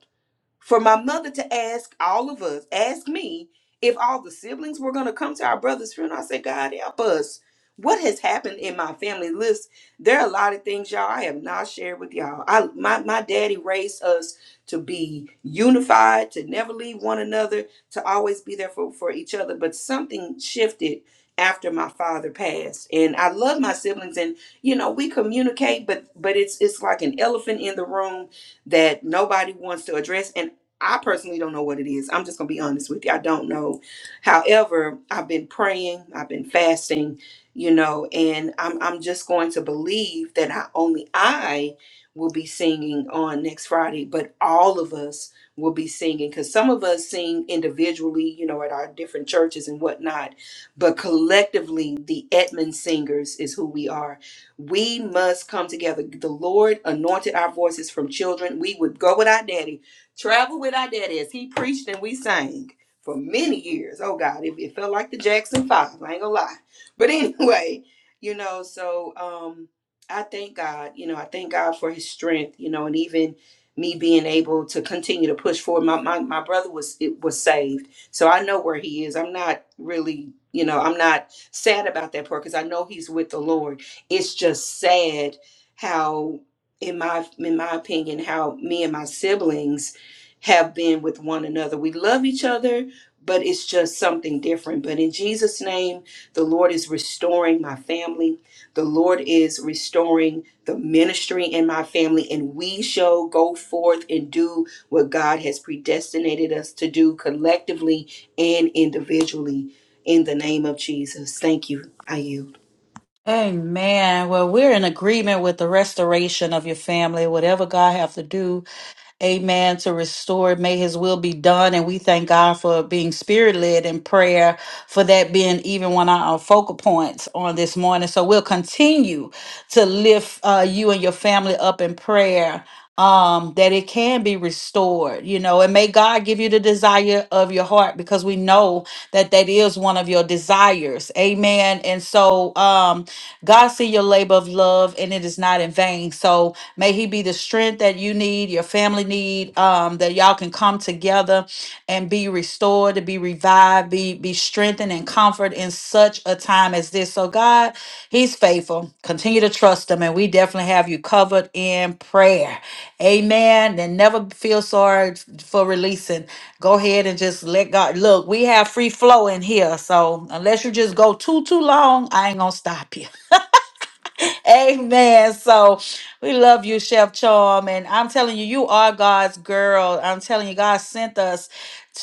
for my mother to ask all of us, ask me, if all the siblings were going to come to our brother's funeral. I said, God help us. What has happened in my family list? There are a lot of things, y'all, I have not shared with y'all. I my, my daddy raised us to be unified, to never leave one another, to always be there for, for each other. But something shifted after my father passed. And I love my siblings and you know we communicate, but but it's it's like an elephant in the room that nobody wants to address. And I personally don't know what it is. I'm just going to be honest with you. I don't know. However, I've been praying, I've been fasting, you know, and I'm, I'm just going to believe that I, only I will be singing on next Friday, but all of us will be singing because some of us sing individually, you know, at our different churches and whatnot, but collectively, the Edmund Singers is who we are we must come together. The Lord anointed our voices from children. We would go with our daddy, travel with our daddy as he preached and we sang for many years. Oh God, it, it felt like the Jackson Five. I ain't gonna lie. But anyway, you know, so um I thank God, you know, I thank God for his strength, you know, and even me being able to continue to push forward. My my, my brother was it was saved. So I know where he is. I'm not really, you know, I'm not sad about that part because I know he's with the Lord it's just sad how in my in my opinion how me and my siblings have been with one another we love each other but it's just something different but in jesus name the lord is restoring my family the lord is restoring the ministry in my family and we shall go forth and do what god has predestinated us to do collectively and individually in the name of jesus thank you i yield Amen. Well, we're in agreement with the restoration of your family. Whatever God have to do amen, to restore. May his will be done. And we thank God for being spirit led in prayer, for that being even one of our focal points on this morning. So we'll continue to lift uh, you and your family up in prayer um that it can be restored you know and may god give you the desire of your heart because we know that that is one of your desires amen and so um God see your labor of love and it is not in vain. So may he be the strength that you need, your family need, um, that y'all can come together and be restored, to be revived, be be strengthened and comfort in such a time as this. So God, he's faithful. Continue to trust him and we definitely have you covered in prayer. Amen. And never feel sorry for releasing. Go ahead and just let God look. We have free flow in here. So unless you just go too too long, I ain't gonna stop you. Amen. So we love you, Chef Charm. And I'm telling you, you are God's girl. I'm telling you, God sent us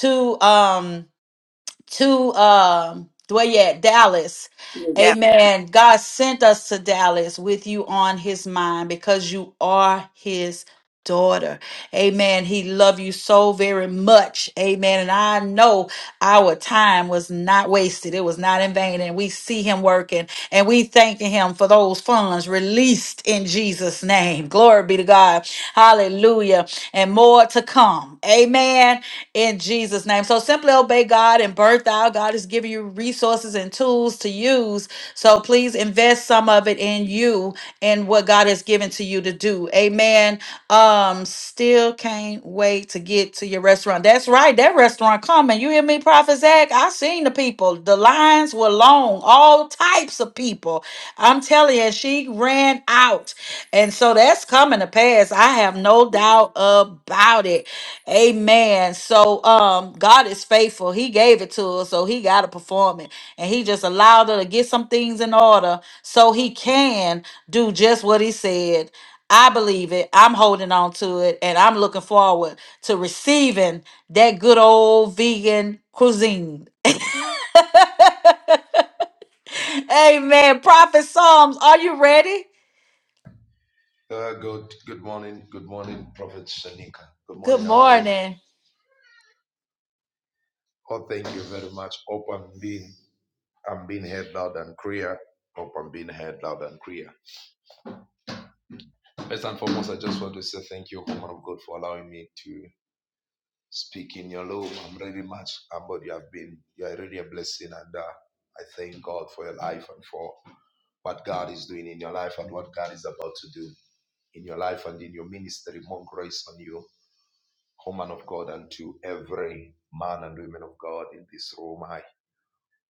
to um to um where you at Dallas. That Amen. God sent us to Dallas with you on his mind because you are his daughter. Amen. He loved you so very much. Amen. And I know our time was not wasted. It was not in vain. And we see him working and we thanking him for those funds released in Jesus' name. Glory be to God. Hallelujah. And more to come. Amen. In Jesus' name. So simply obey God God and birth out. God is giving you resources and tools to use. So please invest some of it in you and what God has given to you to do. Amen. Um, still can't wait to get to your restaurant. That's right. That restaurant coming. You hear me, Prophet Zach? I seen the people. The lines were long, all types of people. I'm telling you, she ran out. And so that's coming to pass. I have no doubt about it. Amen. So um God is faithful. He gave it to us, so he gotta perform it. And he just allowed her to get some things in order so he can do just what he said. I believe it. I'm holding on to it and I'm looking forward to receiving that good old vegan cuisine. Amen. Prophet Psalms, are you ready? Uh, good, good morning, good morning, Prophet Sanika. Good Good morning, how are you? morning. Oh, thank you very much. Hope I'm being, I'm being heard loud and clear. Hope I'm being heard loud and clear. First and foremost, I just want to say thank you, woman of God, for allowing me to speak in your love. I'm really much humbled. You have been, you are really a blessing, and uh, I thank God for your life and for what God is doing in your life and what God is about to do in your life and in your ministry. More grace on you O man of God, and to every man and woman of God in this room. I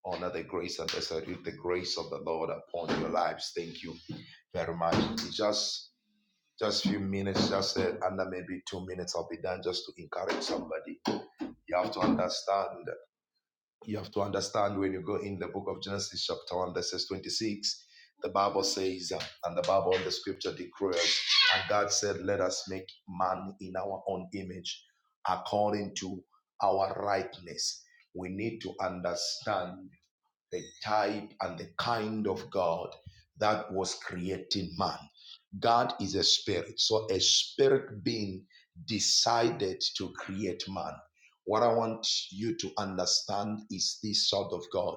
honor the grace and I salute the grace of the Lord upon your lives. Thank you very much. It's just just a few minutes, just uh, under maybe two minutes, I'll be done just to encourage somebody. You have to understand you have to understand when you go in the book of Genesis, chapter 1, verse 26, the Bible says, uh, and the Bible and the scripture declares, and God said, Let us make man in our own image according to our rightness. We need to understand the type and the kind of God that was creating man. God is a spirit. So a spirit being decided to create man. What I want you to understand is this sort of God.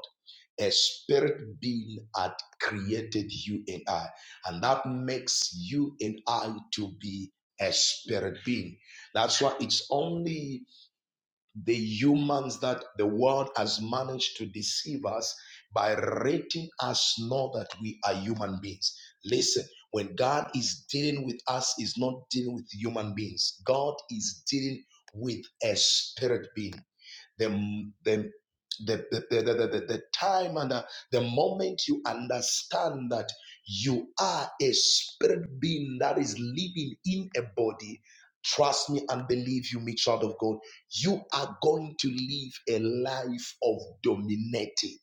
A spirit being had created you and I. And that makes you and I to be a spirit being. That's why it's only the humans that the world has managed to deceive us by rating us know that we are human beings. Listen, when God is dealing with us, is not dealing with human beings. God is dealing with a spirit being the the the, the, the, the, the, the time and the, the moment you understand that you are a spirit being that is living in a body, trust me and believe you, me, child of God, you are going to live a life of dominating.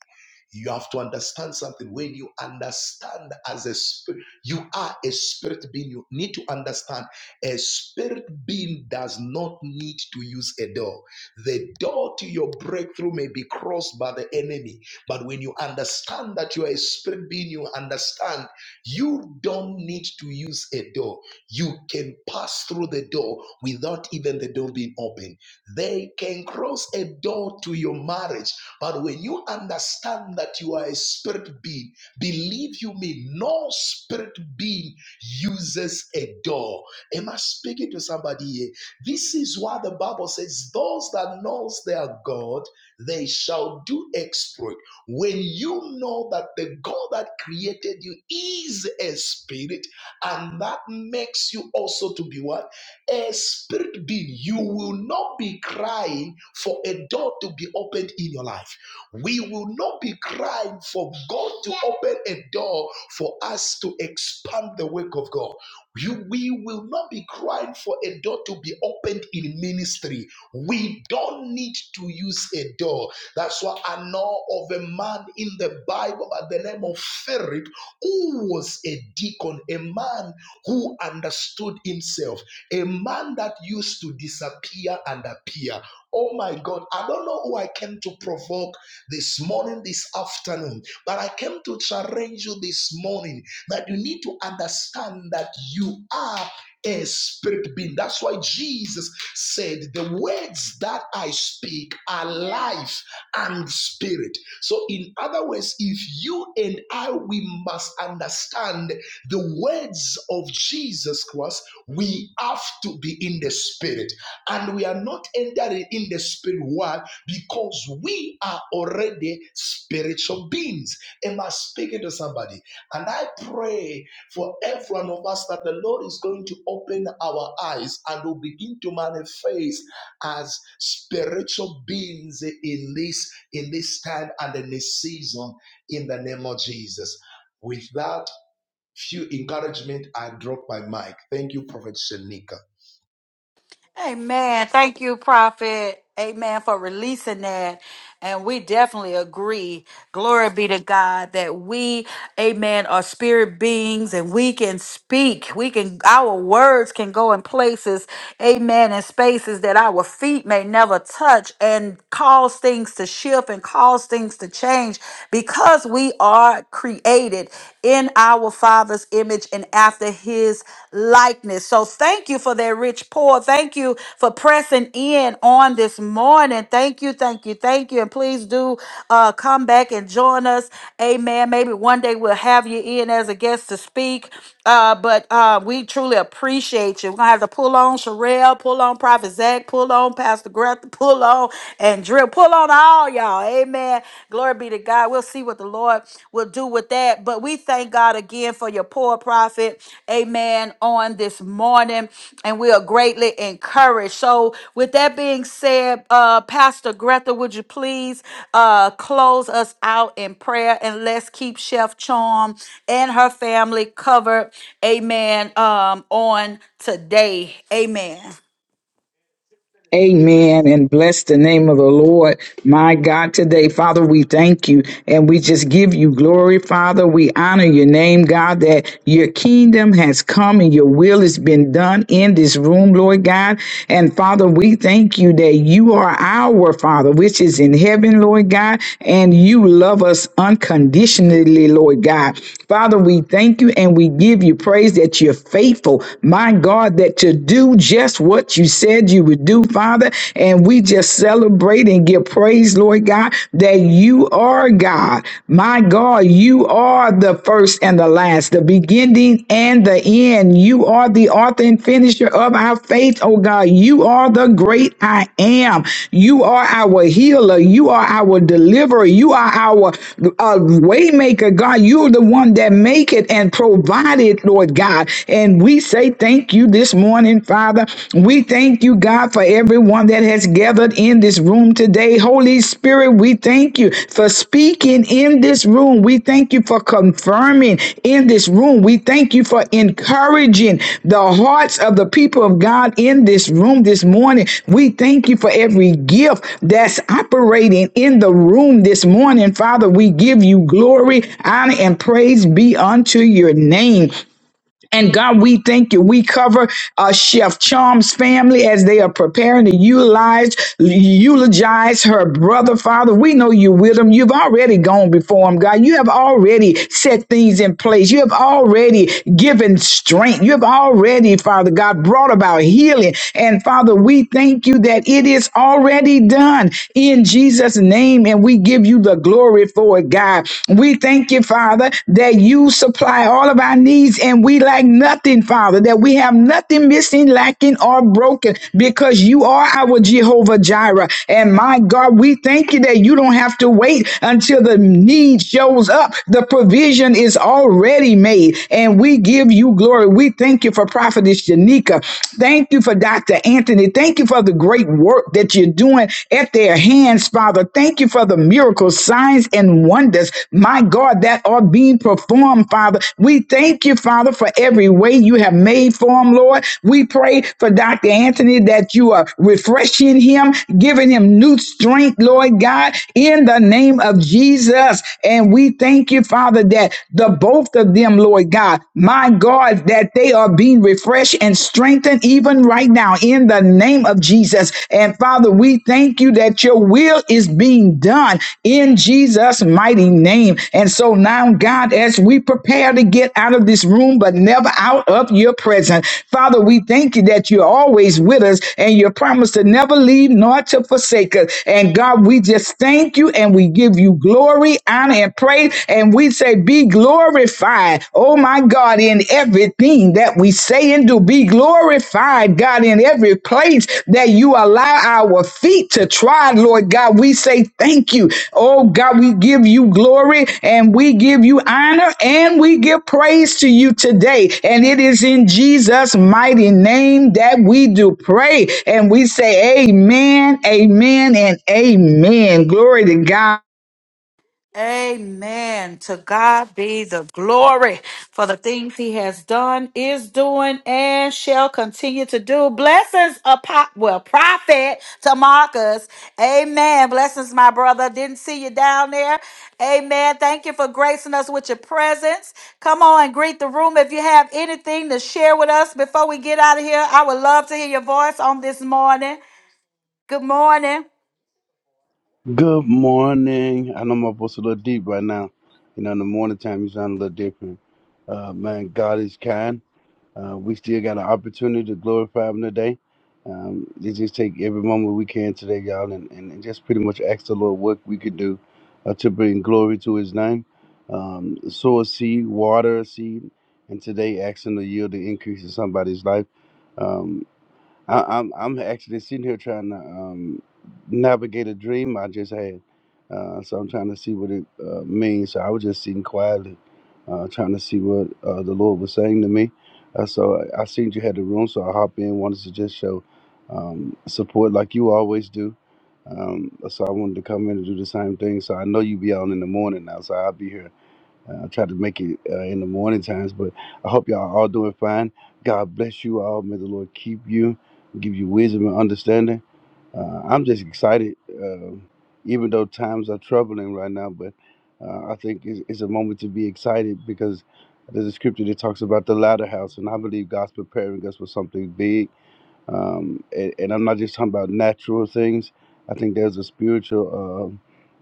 You have to understand something. When you understand as a spirit, you are a spirit being. You need to understand a spirit being does not need to use a door. The door to your breakthrough may be crossed by the enemy, but when you understand that you are a spirit being, you understand you don't need to use a door. You can pass through the door without even the door being open. They can cross a door to your marriage, but when you understand that you are a spirit being, believe you me, no spirit being uses a door. Am I speaking to somebody here? This is why the Bible says, "Those that knows their God, they shall do exploit." When you know that the God that created you is a spirit, and that makes you also to be what a spirit being, you will not be crying for a door to be opened in your life. We will not be crying for God to open a door for us to expand the work of God. You, we will not be crying for a door to be opened in ministry. We don't need to use a door. That's why I know of a man in the Bible by the name of Philip who was a deacon, a man who understood himself, a man that used to disappear and appear. Oh my God, I don't know who I came to provoke this morning, this afternoon, but I came to challenge you this morning that you need to understand that you are a spirit being. That's why Jesus said, The words that I speak are life and spirit. So, in other words, if you and I, we must understand the words of Jesus Christ, we have to be in the spirit. And we are not entering in the spirit world because we are already spiritual beings. Am I speaking to somebody? And I pray for every one of us that the Lord is going to open our eyes and will begin to manifest as spiritual beings in this in this time and in this season in the name of Jesus. With that few encouragement, I drop my mic. Thank you, Prophet Shanika. Amen. Thank you, Prophet. Amen for releasing that. And we definitely agree. Glory be to God that we, amen, are spirit beings and we can speak. We can, our words can go in places, amen, in spaces that our feet may never touch and cause things to shift and cause things to change because we are created in our Father. Father's image and after his likeness. So thank you for that rich pour. Thank you for pressing in on this morning. Thank you, thank you, thank you. And please do uh, come back and join us. Amen. Maybe one day we'll have you in as a guest to speak. Uh, but uh, we truly appreciate you. We're gonna have to pull on Sherelle, pull on Prophet Zach, pull on Pastor Greta, pull on and Drill, pull on all y'all. Amen. Glory be to God. We'll see what the Lord will do with that. But we thank God again for your poor prophet. Amen. On this morning. And we are greatly encouraged. So, with that being said, uh, Pastor Greta, would you please uh, close us out in prayer and let's keep Chef Charm and her family covered. Amen. Um, on today. Amen. Amen. And bless the name of the Lord, my God, today. Father, we thank you and we just give you glory, Father. We honor your name, God, that your kingdom has come and your will has been done in this room, Lord God. And Father, we thank you that you are our Father, which is in heaven, Lord God, and you love us unconditionally, Lord God. Father, we thank you and we give you praise that you're faithful, my God, that to do just what you said you would do, Father. And we just celebrate and give praise, Lord God, that you are God. My God, you are the the first and the last, the beginning and the end. You are the author and finisher of our faith, oh God. You are the great I am. You are our healer. You are our deliverer. You are our uh, waymaker, God. You're the one that make it and provide it, Lord God. And we say thank you this morning, Father. We thank you, God, for everyone that has gathered gathered in this room today. Holy Spirit, we thank you for speaking in this room. We thank you for confirming in this room. We thank you for encouraging the hearts of the people of God in this room this morning. We thank you for every gift that's operating in the room this morning. Father, we give you glory, honor, and praise be unto your name. And God, we thank you. We cover uh, Chef Charm's family as they are preparing to utilize, eulogize her brother, Father. We know you with him. You've already gone before him, God. You have already set things in place. You have already given strength. You have already, Father God, brought about healing. And Father, we thank you that it is already done in Jesus' name. And we give you the glory for it, God. We thank you, Father, that you supply all of our needs and we lack nothing, Father, that we have nothing missing, lacking, or broken because you are our Jehovah Jireh. And my God, we thank you that you don't have to wait until the need shows up. The provision is already made and we give you glory. We thank you for Prophetess Janika. Thank you for Dr. Anthony. Thank you for the great work that you're doing at their hands, Father. Thank you for the miracles, signs, and wonders, my God, that are being performed, Father. We thank you, Father, for every way you have made for him, Lord. We pray for Dr. Anthony that you are refreshing him, giving him new strength, Lord God, in the name of Jesus. And we thank you, Father, that the both of them, Lord God, my God, that they are being refreshed and strengthened strengthened even right now in the name of Jesus. And Father, we thank you that your will is being done in Jesus' mighty name. And so now, God, as we prepare to get out of this room, but never out of your presence, Father, we thank you that you're always with us and your promise to never leave nor to forsake us. And God, we just thank you and we give you glory, honor, and praise. And we say, Be glorified glorified. Oh my God, in everything that we say and do, be glorified, God, in every place that you allow our feet to trod, Lord God. We say thank you. Oh God, we give you glory and we give you honor and we give praise to you today. And it is in Jesus' mighty name that we do pray. And we say, Amen, amen, and amen. Glory to God. Amen. To God be the glory for the things he has done, is doing, and shall continue to do. Blessings, upon, well, prophet to Marcus. Amen. Blessings, my brother. Didn't see you down there. Amen. Thank you for gracing us with your presence. Come on and greet the room if you have anything to share with us before we get out of here. I would love to hear your voice on this morning. Good morning. Good morning. I know my voice a little deep right now. You know, in the morning time, you sound a little different. Uh, man, God is kind. Uh, we still got an opportunity to glorify Him today. Um, let's just take every moment we can today, y'all, and, and, and just pretty much ask the Lord what we could do uh, to bring glory to His name. Um, sow a seed, water a seed, and today asking to yield the increase in somebody's life. Um, I, I'm I'm actually sitting here trying to um, navigate a dream I just had, uh, so I'm trying to see what it uh, means. So I was just sitting quietly, uh, trying to see what uh, the Lord was saying to me. Uh, so I, I seen you had the room, so I hopped in. Wanted to just show um, support like you always do. Um, so I wanted to come in and do the same thing. So I know you be on in the morning now, so I'll be here uh, I try to make it uh, in the morning times, but I hope y'all are all doing fine. God bless you all. May the Lord keep you, give you wisdom and understanding. Uh, I'm just excited, uh, even though times are troubling right now, but uh, I think it's, it's a moment to be excited because there's a scripture that talks about the latter house, and I believe God's preparing us for something big um, and, and I'm not just talking about natural things. I think there's a spiritual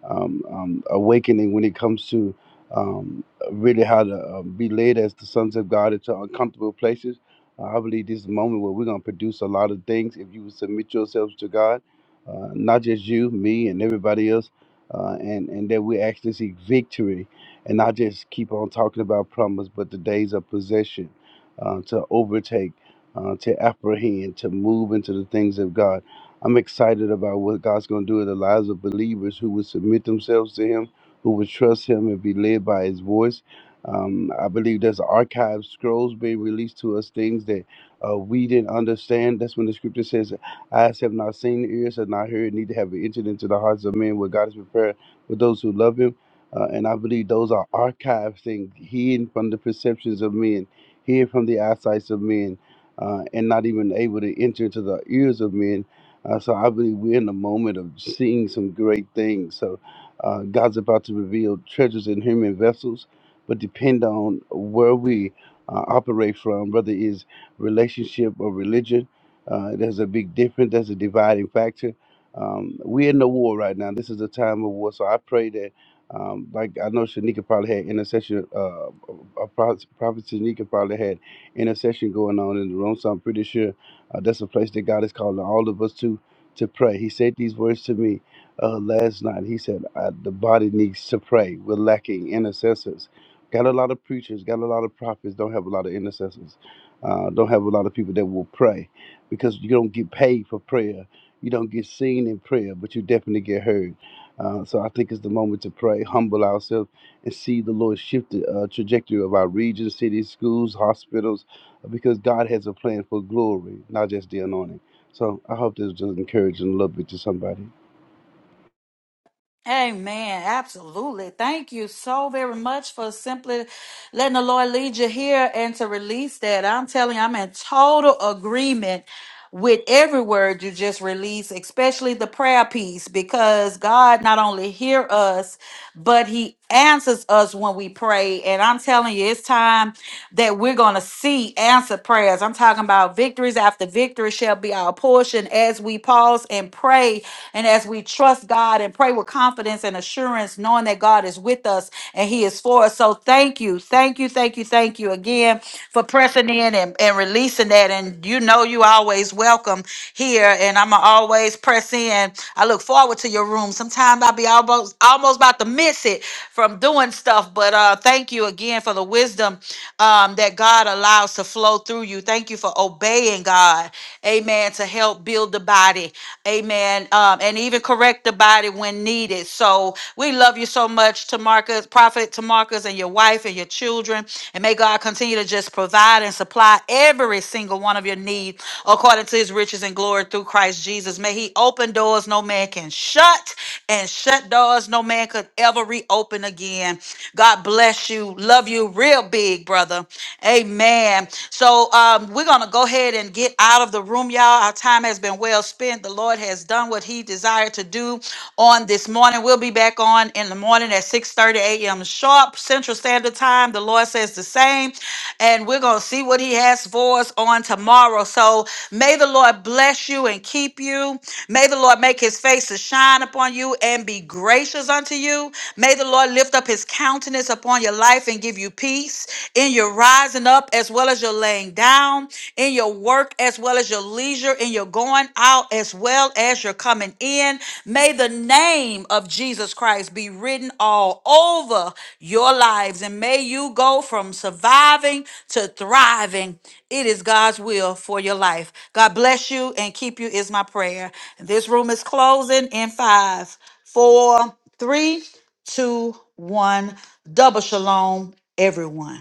uh, um, um, awakening when it comes to um, really how to uh, be led as the sons of God into uncomfortable places. Uh, I believe this is a moment where we're going to produce a lot of things if you would submit yourselves to God, uh, not just you, me, and everybody else, uh, and and that we actually see victory, and not just keep on talking about promise, but the days of possession uh, to overtake uh, to apprehend, to move into the things of God. I'm excited about what God's going to do in the lives of believers who would submit themselves to Him, who would trust Him and be led by His voice. Um, I believe there's archive scrolls being released to us, things that uh, we didn't understand. That's when the scripture says, Eyes have not seen, ears have not heard, neither have it entered into the hearts of men what God has prepared for those who love Him. Uh, and I believe those are archive things, hidden from the perceptions of men, hidden from the eyesight of men uh, and not even able to enter into the ears of men. Uh, so I believe we're in the moment of seeing some great things. So uh, God's about to reveal treasures in human vessels, but depend on where we uh, operate from, whether it's relationship or religion. Uh, there's a big difference. There's a dividing factor. Um, we're in the war right now. This is a time of war. So I pray that, um, like I know Shanika probably had intercession, uh, uh, Prophet Shanika probably had intercession going on in the room. So I'm pretty sure uh, that's a place that God is calling all of us to to pray. He said these words to me uh, last night. He said, uh, "The body needs to pray. We're lacking intercessors. Got a lot of preachers, got a lot of prophets, don't have a lot of intercessors. Uh, don't have a lot of people that will pray because you don't get paid for prayer. You don't get seen in prayer, but you definitely get heard. Uh, so I think it's the moment to pray, humble ourselves, and see the Lord shift the uh, trajectory of our region, cities, schools, hospitals, because God has a plan for glory, not just the anointing. So I hope this was encouraging a little bit to somebody. Amen. Absolutely. Thank you so very much for simply letting the Lord lead you here and to release that. I'm telling you, I'm in total agreement with every word you just release, especially the prayer piece, because God not only hear us, but He answers us when we pray. And I'm telling you, it's time that we're gonna see answer prayers. I'm talking about victories after victory shall be our portion as we pause and pray, and as we trust God and pray with confidence and assurance, knowing that God is with us and He is for us. So thank you, thank you, thank you, thank you again again for pressing in and, and releasing that. And you know, you always welcome here, and I'm always press in. I look forward to your room. Sometimes I'll be almost almost about to miss it from doing stuff, but uh, thank you again for the wisdom um, that God allows to flow through you. Thank you for obeying God, Amen, to help build the body, Amen, um, and even correct the body when needed. So we love you so much. Tamarcus, Prophet Tamarcus, and your wife and your children. And may God continue to just provide and supply every single one of your needs according to his riches and glory through Christ Jesus. May he open doors no man can shut and shut doors no man could ever reopen again. God bless you. Love you real big, brother. Amen. So um, we're going to go ahead and get out of the room, y'all. Our time has been well spent. The Lord has done what he desired desire to do on this morning. We'll be back on in the morning at 6:30 a.m. sharp Central Standard Time. The Lord says the same. And we're going to see what he has for us on tomorrow. So may the Lord bless you and keep you. May the Lord make his face to shine upon you and be gracious unto you. May the Lord lift up his countenance upon your life and give you peace in your rising up as well as your laying down, in your work work as well as your leisure and your going out as well as your coming in. May the name of Jesus Christ be written all over your lives and may you go from surviving to thriving. It is God's will for your life. God bless you and keep you is my prayer. This room is closing in five, four, three, two, one. Double shalom, everyone.